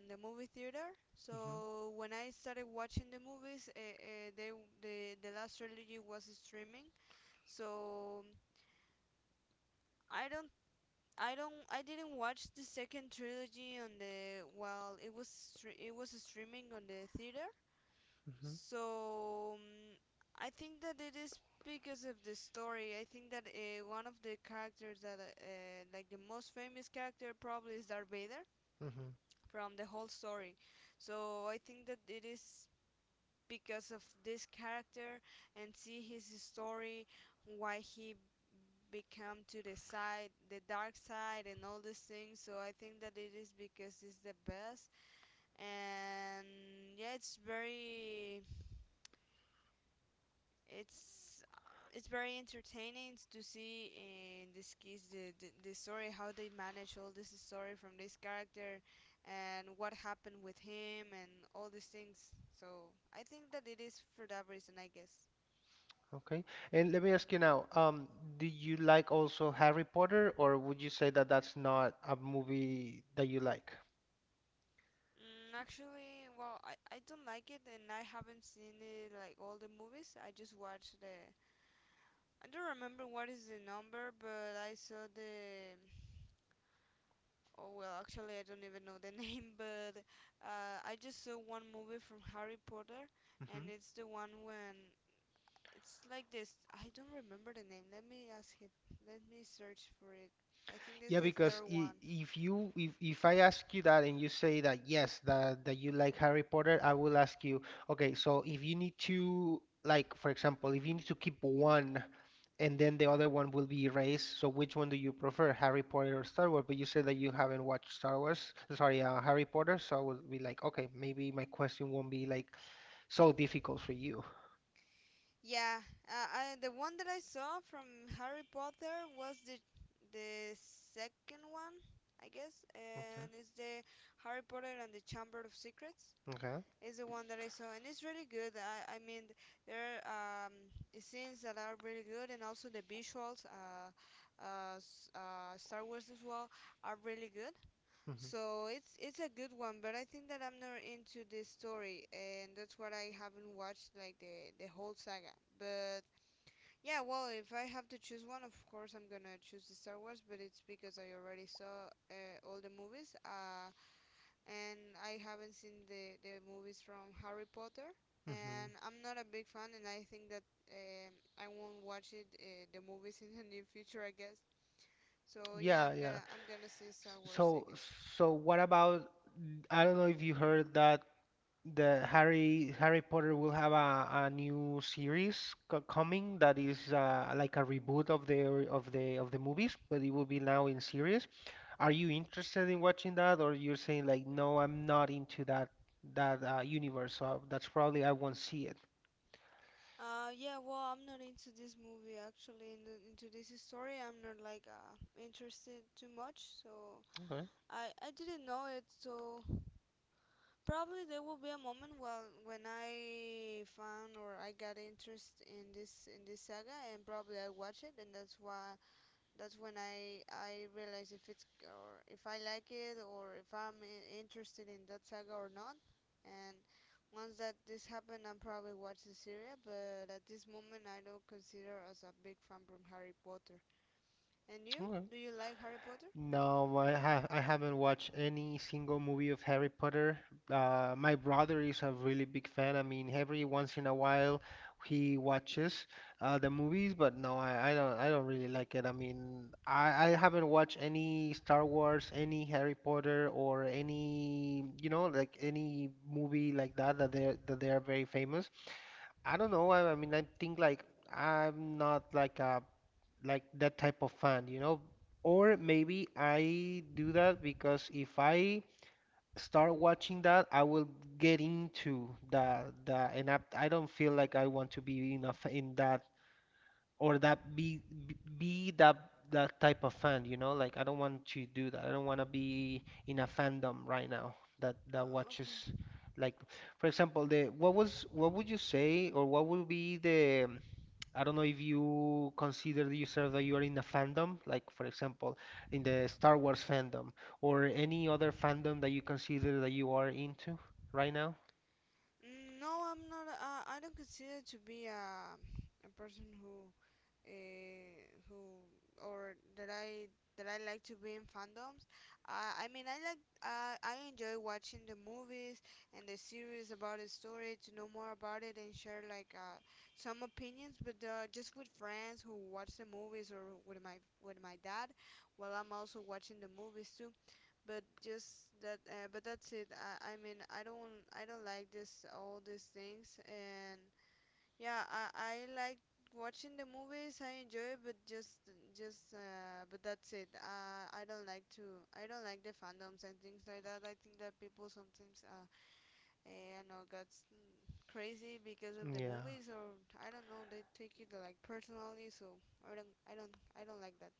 [SPEAKER 2] the movie theater,
[SPEAKER 1] Mhm.
[SPEAKER 2] so when I started watching the movies they the last trilogy was streaming, so i don't I don't I didn't watch the second trilogy on the while it was it was streaming on the theater.
[SPEAKER 1] Mhm.
[SPEAKER 2] So I think that it is because of the story. I think that one of the characters that like the most famous character probably is Darth Vader
[SPEAKER 1] Mhm.
[SPEAKER 2] from the whole story. So I think that it is because of this character and see his story, why he become to the side the dark side and all these things. So I think that it is because it's the best. And yeah, it's it's very entertaining to see in this case the story, how they manage all this story from this character and what happened with him and all these things. So I think that it is for that reason, I guess.
[SPEAKER 1] Okay. And let me ask you now, do you like also Harry Potter, or would you say that that's not a movie that you like?
[SPEAKER 2] Mm, actually, well, I don't like it, and I haven't seen it like all the movies. I just watched the. I don't remember what is the number, but I saw the. Oh well, actually, I don't even know the name, but I just saw one movie from Harry Potter, and it's the one when it's like this. I don't remember the name. Let me ask him. Let me search for it. I think this
[SPEAKER 1] Yeah,
[SPEAKER 2] is the
[SPEAKER 1] because
[SPEAKER 2] third one.
[SPEAKER 1] if I ask you that and you say that yes, that you like Harry Potter, I will ask you, okay, so if you need to, like, for example, if you need to keep one and then the other one will be erased, so which one do you prefer, Harry Potter or Star Wars? But you said that you haven't watched Star Wars, sorry, Harry Potter, so I would be like, okay, maybe my question won't be like so difficult for you.
[SPEAKER 2] Yeah, the one that I saw from Harry Potter was the second one, I guess,
[SPEAKER 1] Okay.
[SPEAKER 2] and it's the Harry Potter and the Chamber of Secrets.
[SPEAKER 1] Okay.
[SPEAKER 2] Is the one that I saw, and it's really good. I mean, there are scenes that are really good, and also the visuals, Star Wars as well, are really good.
[SPEAKER 1] Hmm.
[SPEAKER 2] So it's a good one, but I think that I'm not into the story, and that's what I haven't watched like the whole saga. But yeah, well, if I have to choose one, of course I'm gonna choose the Star Wars, but it's because I already saw all the movies, and I haven't seen the movies from Harry Potter, and
[SPEAKER 1] Hmm.
[SPEAKER 2] I'm not a big fan, and I think that I won't watch it the movies in the near future, I guess. So yeah,
[SPEAKER 1] Yeah,
[SPEAKER 2] I'm
[SPEAKER 1] yeah.
[SPEAKER 2] gonna I'm gonna say Star Wars, I
[SPEAKER 1] So,
[SPEAKER 2] guess.
[SPEAKER 1] so what about, I don't know if you heard that the Harry Potter will have a new series co coming that is like a reboot of of the movies, but it will be now in series. Are you interested in watching that, or you're saying like, no, I'm not into that universe, so that's probably I won't see it.
[SPEAKER 2] Yeah, well, I'm not into this movie actually, in the, into this story. I'm not like interested too much, so I didn't know it, so probably there will be a moment well when I found or I got interest in this saga, and probably I watch it, and that's why that's when I realize if it's, or if I like it, or if I'm interested in that saga or not. And once that this happened, I'm probably watch the series, but at this moment I don't consider as a big fan from Harry Potter. And you?
[SPEAKER 1] Okay.
[SPEAKER 2] Do you like Harry Potter?
[SPEAKER 1] No, I have, I haven't watched any single movie of Harry Potter. My brother is a really big fan. I mean, every once in a while he watches the movies, but no, I don't really like it. I mean, I haven't watched any Star Wars, any Harry Potter, or any, you know, like any movie like that that they are very famous. I don't know. I mean, I think like I'm not like a, like that type of fan, you know? Or maybe I do that because if I start watching that, I will get into the, and I don't feel like I want to be in a in that, or that be that, that type of fan, you know? Like I don't want to do that. I don't want to be in a fandom right now that
[SPEAKER 2] Oh,
[SPEAKER 1] watches
[SPEAKER 2] okay.
[SPEAKER 1] like, for example, the, what was, what would you say or what would be the, I don't know if you consider yourself that you are in a fandom, like for example, in the Star Wars fandom or any other fandom that you consider that you are into right now.
[SPEAKER 2] Mm, no, I'm not. I don't consider to be a person uh, who or that I like to be in fandoms. I mean, I like I enjoy watching the movies and the series about the story to know more about it, and share like some opinions with just with friends who watch the movies, or with my dad while I'm also watching the movies too. But just that, but that's it. I mean, I don't like this all these things. And yeah, I like watching the movies, I enjoy it, but just, but that's it. Uh, I don't like to I don't like the fandoms and things like that. I think that people sometimes I know gets crazy because of the
[SPEAKER 1] Yeah.
[SPEAKER 2] movies, or I don't know, they take it like personally. So I don't like that.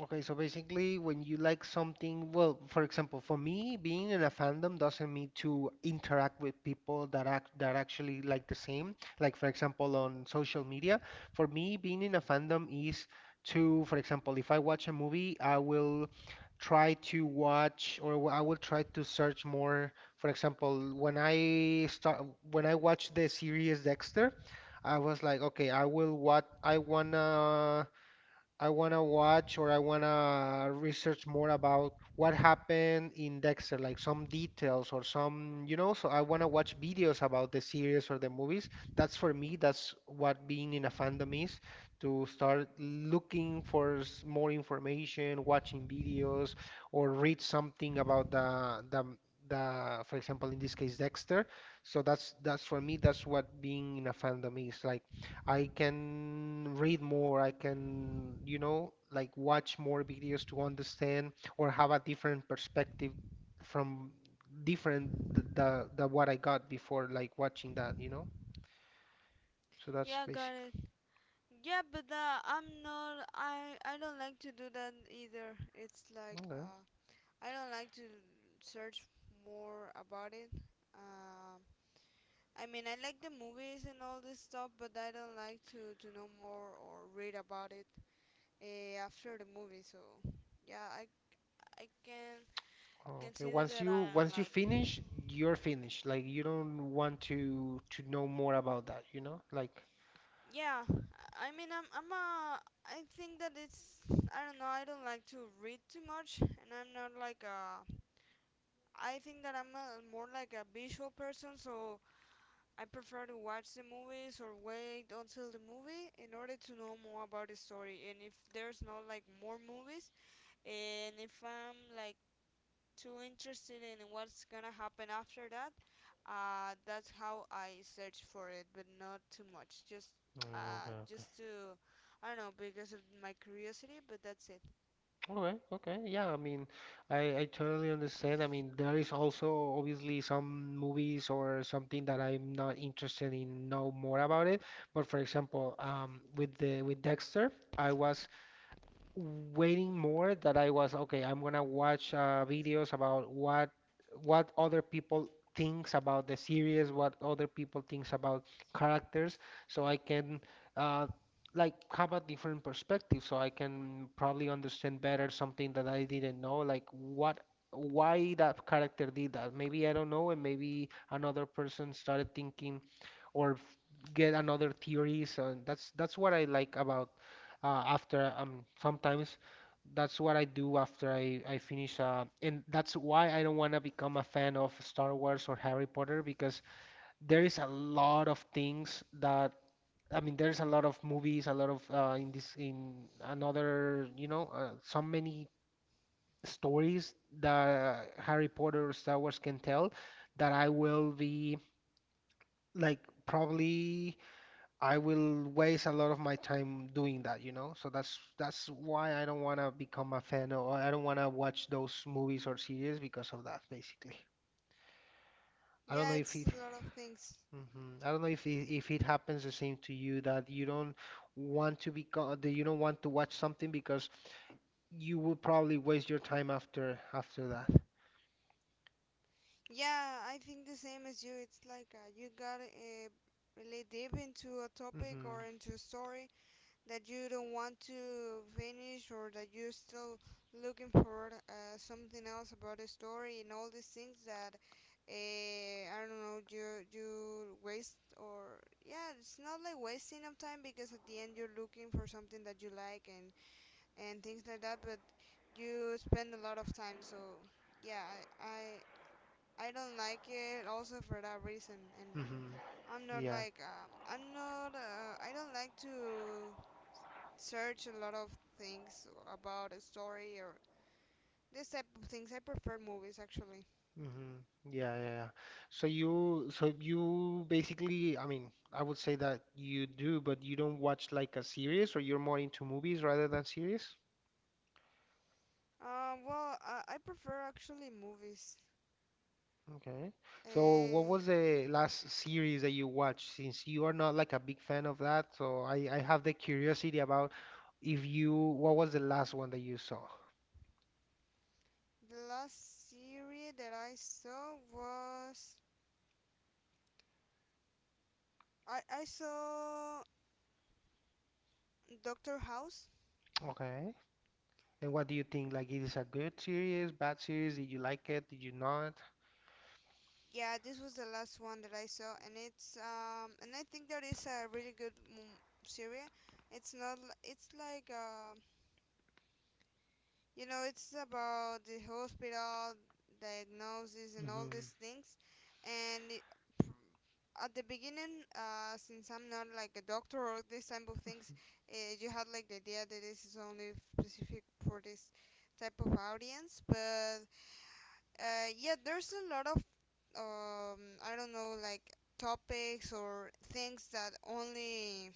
[SPEAKER 1] Okay, so basically, when you like something, well, for example, for me, being in a fandom doesn't mean to interact with people that actually like the same. Like, for example, on social media, for me, being in a fandom is to, for example, if I watch a movie, I will try to watch, I will try to search more. For example, when I watch the series Dexter, I was like, okay, I will, what I wanna, I want to watch, or I want to research more about what happened in Dexter, like some details or some, you know, so I want to watch videos about the series or the movies. That's for me, that's what being in a fandom is, to start looking for more information, watching videos, or read something about the for example, in this case, Dexter. So that's for me, that's what being in a fandom is like. I can read more, I can, you know, like watch more videos to understand or have a different perspective from the what I got before like watching that, you know? So that's
[SPEAKER 2] Yeah, got
[SPEAKER 1] basic.
[SPEAKER 2] it. Yeah, but I'm not. I don't like to do that either. It's like
[SPEAKER 1] Okay.
[SPEAKER 2] I don't like to search more about it. Um, I mean, I like the movies and all this stuff, but I don't like to know more or read about it after the movie. So yeah, I can
[SPEAKER 1] Okay.
[SPEAKER 2] consider
[SPEAKER 1] Once
[SPEAKER 2] that
[SPEAKER 1] you,
[SPEAKER 2] I'm
[SPEAKER 1] once you
[SPEAKER 2] like
[SPEAKER 1] finish, you're finished. Like, you don't want to know more about that, you know? Like,
[SPEAKER 2] yeah. I mean, I'm a. I think that it's I don't know. I don't like to read too much, and I'm not like a I think that I'm a, more like a visual person, so I prefer to watch the movies, or wait until the movie in order to know more about the story. And if there's not like more movies, and if I'm like too interested in what's gonna happen after that, that's how I search for it, but not too much.
[SPEAKER 1] oh, okay, okay.
[SPEAKER 2] Just to I don't know, because of my curiosity, but that's it.
[SPEAKER 1] Okay, okay. Yeah, I mean, I totally understand. I mean, there is also obviously some movies or something that I'm not interested in know more about it. But for example, with the, with Dexter, I was waiting more that I was okay, I'm gonna watch videos about what other people thinks about the series, what other people thinks about characters, so I can uh, like have a different perspective, so I can probably understand better something that I didn't know, like what why that character did that. Maybe I don't know, and maybe another person started thinking or f- get another theory. So that's what I like about after sometimes that's what I do after I finish, and that's why I don't want to become a fan of Star Wars or Harry Potter because there is a lot of things that, I mean, there's a lot of movies, a lot of in this in another, you know, so many stories that Harry Potter or Star Wars can tell that I will be like probably I will waste a lot of my time doing that, you know? So that's why I don't want to become a fan, or I don't want to watch those movies or series because of that, basically. I don't know
[SPEAKER 2] Yeah,
[SPEAKER 1] if
[SPEAKER 2] it's
[SPEAKER 1] it,
[SPEAKER 2] a lot of things.
[SPEAKER 1] hmm, I don't know if it happens the same to you that you don't want to become, that you don't want to watch something because you will probably waste your time after after that.
[SPEAKER 2] Yeah, I think the same as you. It's like you gotta really deep into a topic
[SPEAKER 1] Hmm.
[SPEAKER 2] or into a story that you don't want to finish, or that you're still looking for something else about the story, and all these things that I don't know, you waste or yeah, it's not like wasting of time, because at the end you're looking for something that you like and things like that, but you spend a lot of time. So yeah, I, I I don't like it also for that reason. And
[SPEAKER 1] Hmm.
[SPEAKER 2] I'm not
[SPEAKER 1] Yeah.
[SPEAKER 2] like I don't like to search a lot of things about a story, or this type of things. I prefer movies actually.
[SPEAKER 1] Hmm. Yeah, yeah, yeah. So you basically, I mean, I would say that you do, but you don't watch like a series, or you're more into movies rather than series?
[SPEAKER 2] Well, I prefer actually movies.
[SPEAKER 1] Okay. So what
[SPEAKER 2] Uh,
[SPEAKER 1] was the last series that you watched? Since you are not like a big fan of that, so I have the curiosity about if you, what was the last one that you saw?
[SPEAKER 2] the last series that I saw was I saw Doctor House.
[SPEAKER 1] Okay. And what do you think? Like, it is a good series, bad series? Did you like it? Did you not?
[SPEAKER 2] Yeah, this was the last one that I saw, and it's and I think that is a really good series. It's not l- it's like you know, it's about the hospital diagnosis and all
[SPEAKER 1] Hmm.
[SPEAKER 2] these things. And it, pr- at the beginning, since I'm not like a doctor or this type of things, you had like the idea that this is only specific for this type of audience. But yeah, there's a lot of um, I don't know, like topics or things that only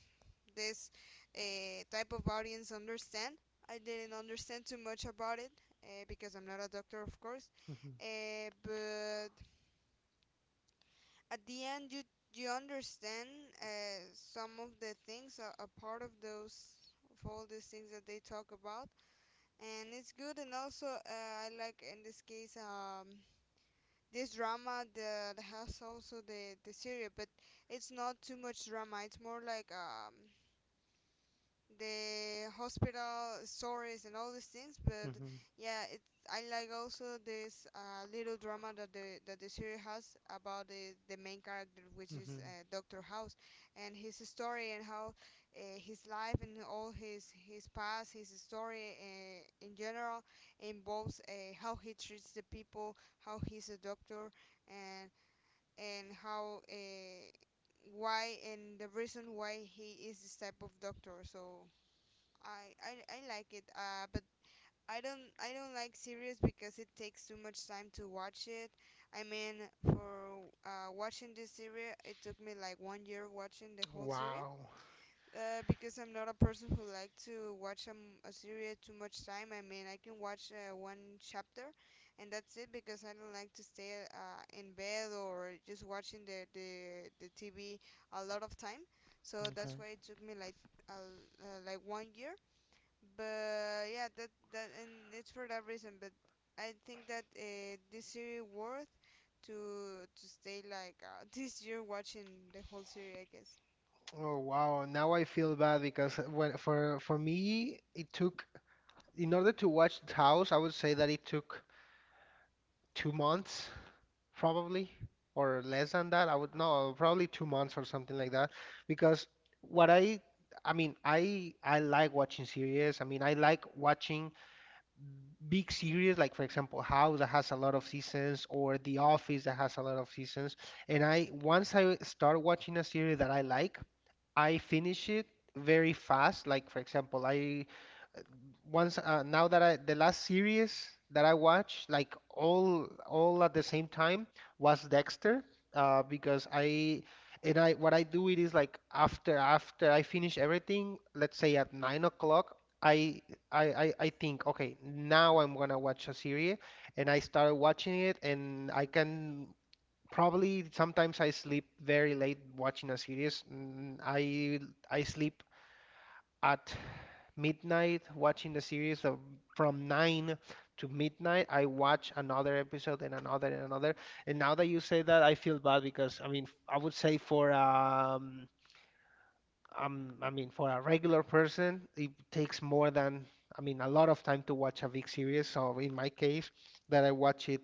[SPEAKER 2] this type of audience understand. I didn't understand too much about it because I'm not a doctor, of course.
[SPEAKER 1] Hmm.
[SPEAKER 2] But at the end, you understand some of the things, a part of those of all these things that they talk about, and it's good. And also, I like in this case. This drama that has also the series, but it's not too much drama, it's more like the hospital stories and all these things. But
[SPEAKER 1] Hmm.
[SPEAKER 2] yeah, it I like also this little drama that the series has about the main character, which is
[SPEAKER 1] Hmm.
[SPEAKER 2] Dr. House, and his story, and how his life and all his past his story in general involves how he treats the people, how he's a doctor. and and how, why and the reason why he is this type of doctor. So I I, I like it, but I don't like series because it takes too much time to watch it. I mean, for watching this series, it took me like 1 year watching the whole series,
[SPEAKER 1] Wow.
[SPEAKER 2] because I'm not a person who like to watch a series too much time. I mean, I can watch one chapter, and that's it, because I don't like to stay in bed or just watching the TV a lot of time. So that's
[SPEAKER 1] Okay.
[SPEAKER 2] why it took me uh, like 1 year. But yeah, that that and it's for that reason. But I think that this series worth to stay like this year watching the whole series. I guess.
[SPEAKER 1] Oh wow, now I feel bad because when for me it took, in order to watch the house, I would say that it took 2 months probably or less than that. I would no, probably 2 months or something like that because what I mean, I like watching series. I mean, I like watching big series like for example House that has a lot of seasons or The Office that has a lot of seasons. And I, once I start watching a series that I like, I finish it very fast. Like for example, I once now that I the last series that I watched, like all at the same time, was Dexter. Because I, and I, what I do it is like after after I finish everything, let's say at 9 o'clock, I I think okay now I'm gonna watch a series, and I started watching it, and I can, probably sometimes I sleep very late watching a series. I sleep at midnight watching the series. So from 9 to midnight, I watch another episode and another and another. And now that you say that, I feel bad because, I mean, I would say for I mean for a regular person, it takes more than, I mean, a lot of time to watch a big series. So in my case, that I watch it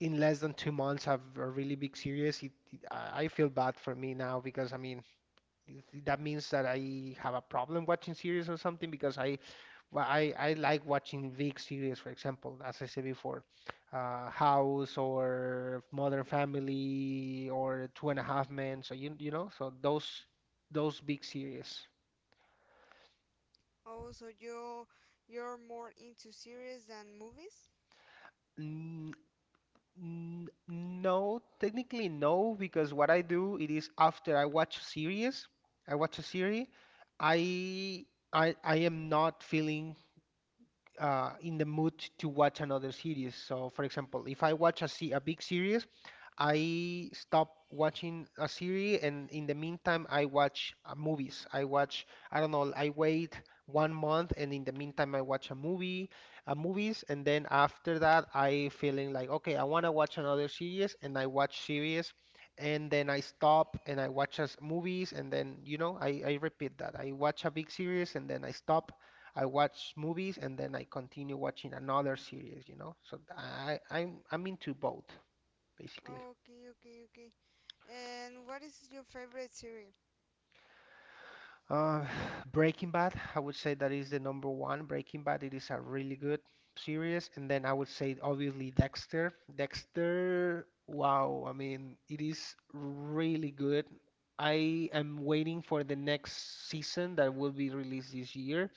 [SPEAKER 1] in less than 2 months have a really big series, I feel bad for me now because I mean it- that means that I have a problem watching series or something because I, well, I like watching big series, for example, as I said before, House or Modern Family or Two and a Half Men. So you know, so those big series.
[SPEAKER 2] Oh, so you you're more into series than movies?
[SPEAKER 1] No, technically no, because what I do it is after I watch a series, I watch a series, I I am not feeling in the mood to watch another series. So, for example, if I watch a se a big series, I stopped watching a series, and in the meantime, I watch movies. I watch, I don't know, I wait 1 month, and in the meantime, I watch a movie, movies, and then after that, I feeling like, okay, I want to watch another series, and I watch series, and then I stop and I watch as movies, and then, I repeat that. I watch a big series, and then I stop. I watch movies, and then I continue watching another series, you know? So I'm into both, basically.
[SPEAKER 2] Okay, okay, okay. And what is your favorite series?
[SPEAKER 1] Uh, Breaking Bad, I would say that is the number 1. Breaking Bad, it is a really good series. And then I would say, obviously, Dexter. Dexter, wow, I mean, it is really good. I am waiting for the next season that will be released this year.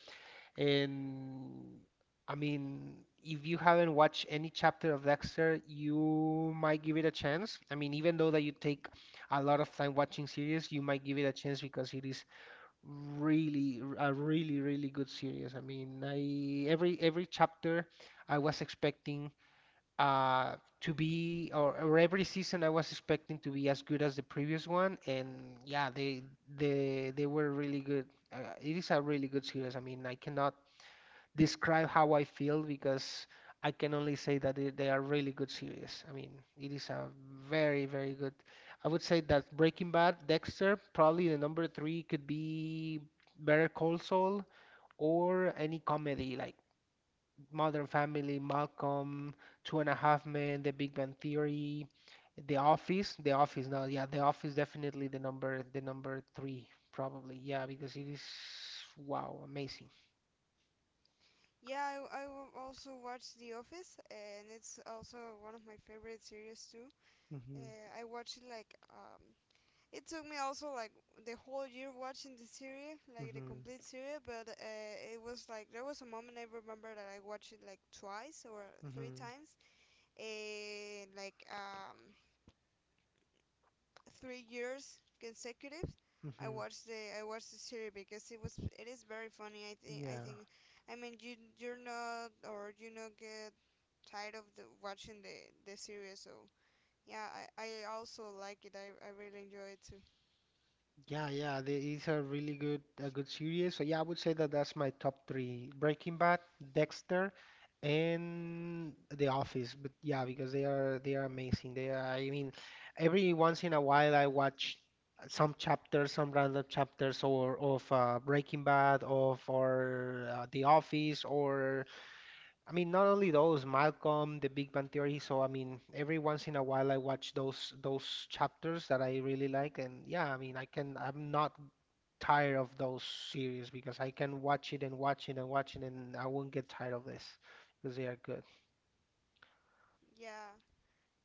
[SPEAKER 1] And I mean, if you haven't watched any chapter of Dexter, you might give it a chance. I mean, even though that you take a lot of time watching series, you might give it a chance because it is really a really really good series. I mean, I every chapter I was expecting uh to be or every season I was expecting to be as good as the previous one and yeah, they were really good. It is a really good series. I mean, I cannot describe how I feel because I can only say that it, they are really good series. I mean, it is a very, very good. I would say that Breaking Bad, Dexter, probably the number 3 could be Better Call Saul or any comedy like Modern Family, Malcolm, Two and a Half Men, The Big Bang Theory, The Office. The Office now, yeah, The Office definitely the number three probably. Yeah, because it is wow, amazing.
[SPEAKER 2] Yeah, I w- also watch The Office, and it's also one of my favorite series too.
[SPEAKER 1] hmm
[SPEAKER 2] I watched it like it took me also like the whole year watching the series, like the
[SPEAKER 1] hmm
[SPEAKER 2] complete series. But it was like there was a moment I remember that I watched it like twice or three
[SPEAKER 1] hmm
[SPEAKER 2] times, and like 3 years consecutive.
[SPEAKER 1] hmm
[SPEAKER 2] I watched the series because it was it is very funny. I
[SPEAKER 1] Yeah.
[SPEAKER 2] think I mean you're not, or you not get tired of the watching the series. So yeah, I also like it. I really enjoy it too.
[SPEAKER 1] Yeah, yeah. They, these are really good, a good series. So yeah, I would say that that's my top 3: Breaking Bad, Dexter, and The Office. But yeah, because they are amazing. They are. I mean, every once in a while I watch some chapters, some random chapters, or of Breaking Bad, of or The Office, or I mean, not only those, Malcolm, The Big Bang Theory. So I mean, every once in a while I watch those chapters that I really like, and yeah, I mean, I can I'm not tired of those series because I can watch it and watch it and watch it, and I won't get tired of this because they are good.
[SPEAKER 2] Yeah,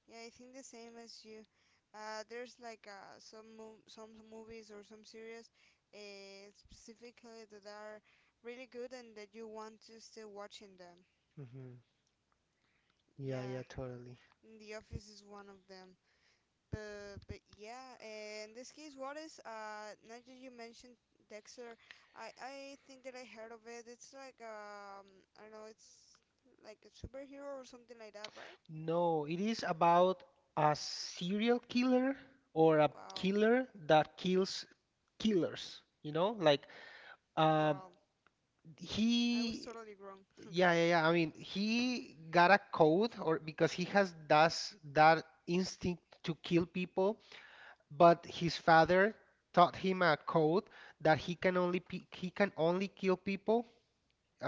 [SPEAKER 2] yeah. I think the same as you. There's like some movies or some series specifically, that are really good, and that you want to still watching them.
[SPEAKER 1] hmm Yeah,
[SPEAKER 2] Yeah,
[SPEAKER 1] yeah, totally.
[SPEAKER 2] The Office is one of them. But yeah, in this case, what is uh? Now that you mentioned Dexter, I think that I heard of it. It's like I don't know, it's like a superhero or something like that, right?
[SPEAKER 1] No, it is about a serial killer or a
[SPEAKER 2] Wow.
[SPEAKER 1] killer that kills killers. You know, like uh,
[SPEAKER 2] Well, I was
[SPEAKER 1] he.
[SPEAKER 2] totally wrong.
[SPEAKER 1] Yeah, yeah, yeah. I mean, he got a code or because he has does that instinct to kill people, but his father taught him a code that he can only pe he can only kill people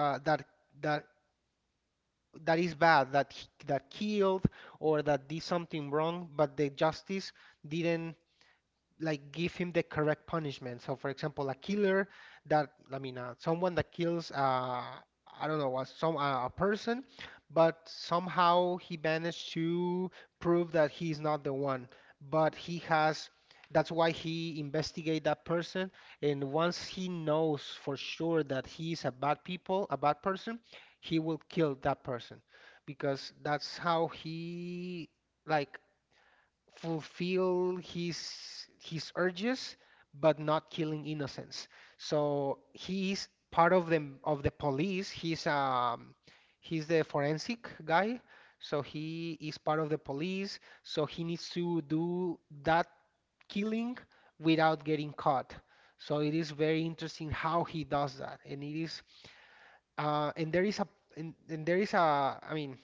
[SPEAKER 1] that that that is bad, that he- that killed or that did something wrong, but the justice didn't like give him the correct punishment. So, for example, a killer that I mean, someone that kills I don't know, some a person, but somehow he managed to prove that he's not the one. But he has. That's why he investigate that person, and once he knows for sure that he's a bad people, a bad person, he will kill that person, because that's how he like fulfill his urges but not killing innocents, so he's part of the police. He's he's the forensic guy, so he is part of the police, so he needs to do that killing without getting caught. So it is very interesting how he does that, and it is and there is a and there is a I mean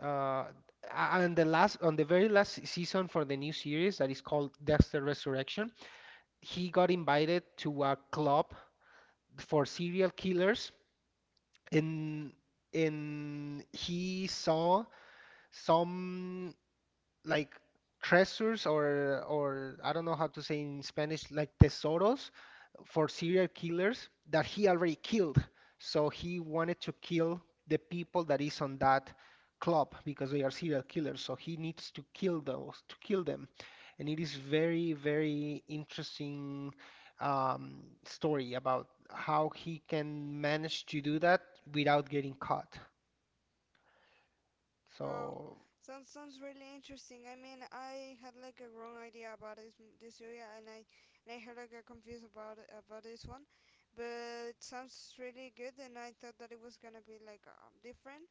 [SPEAKER 1] uh, and the last on the very last season for the new series that is called Dexter Resurrection, he got invited to a club for serial killers, and and he saw some like treasures or I don't know how to say in Spanish like tesoros for serial killers that he already killed. So he wanted to kill the people that is on that club because they are serial killers. So he needs to kill those to kill them, and it is very very interesting story about how he can manage to do that without getting caught.
[SPEAKER 2] Wow,
[SPEAKER 1] So.
[SPEAKER 2] sounds sounds really interesting. I mean, I had like a wrong idea about this this area, and I had like got confused about about this one, but it sounds really good, and I thought that it was gonna be like different.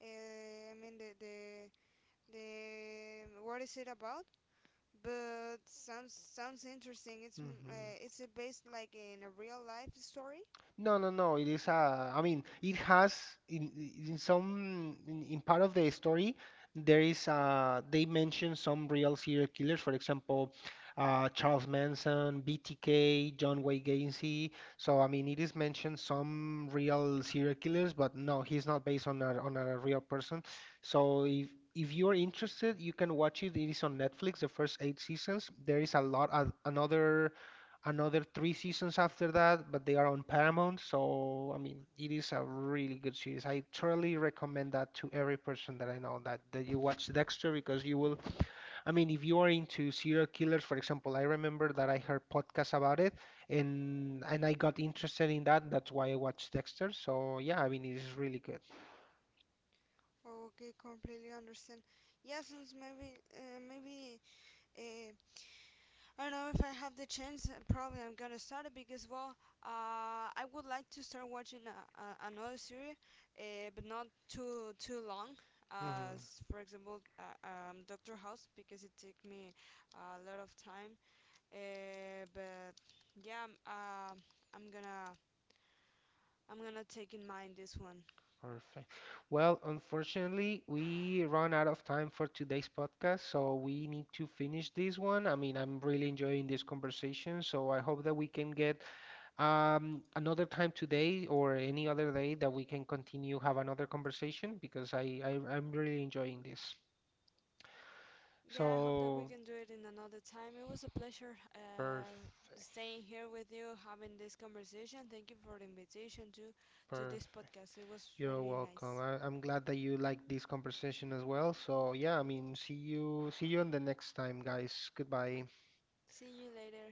[SPEAKER 2] I mean, the what is it about? But sounds sounds interesting. It's
[SPEAKER 1] Mhm.
[SPEAKER 2] it's based like in a real life story.
[SPEAKER 1] No, no, no. It is a. I mean, it has in part of the story there is they mention some real serial killers. For example, Charles Manson, BTK, John Wayne Gacy. So I mean, it is mentioned some real serial killers, but no, he's not based on a real person. So if you're interested, you can watch it. It is on Netflix. The first 8 seasons. There is a lot of another 3 seasons after that, but they are on Paramount. So, I mean, it is a really good series. I thoroughly recommend that to every person that I know that, that you watch Dexter because you will, I mean, if you are into serial killers, for example, I remember that I heard podcasts about it and I got interested in that. That's why I watched Dexter. So, yeah, I mean, it is really good.
[SPEAKER 2] Okay, completely understand. Yeah, since maybe maybe. Uh, I don't know if I have the chance. Probably I'm gonna start it, because well, I would like to start watching a, another series, but not too too long.
[SPEAKER 1] hmm
[SPEAKER 2] As for example, Doctor House, because it took me a lot of time. But yeah, I'm gonna I'm gonna take in mind this one.
[SPEAKER 1] Perfect. Well, unfortunately, we run out of time for today's podcast, so we need to finish this one. I mean, I'm really enjoying this conversation, so I hope that we can get another time today or any other day that we can continue have another conversation because I'm really enjoying this.
[SPEAKER 2] Yeah, I hope that we
[SPEAKER 1] So
[SPEAKER 2] can do it in another time. It was a pleasure
[SPEAKER 1] perfect,
[SPEAKER 2] staying here with you, having this conversation. Thank you for the invitation to this
[SPEAKER 1] perfect.
[SPEAKER 2] podcast. It was
[SPEAKER 1] You're
[SPEAKER 2] really
[SPEAKER 1] welcome.
[SPEAKER 2] nice.
[SPEAKER 1] I'm glad that you like this conversation as well. So yeah, I mean, see you on the next time, guys. Goodbye.
[SPEAKER 2] See you later.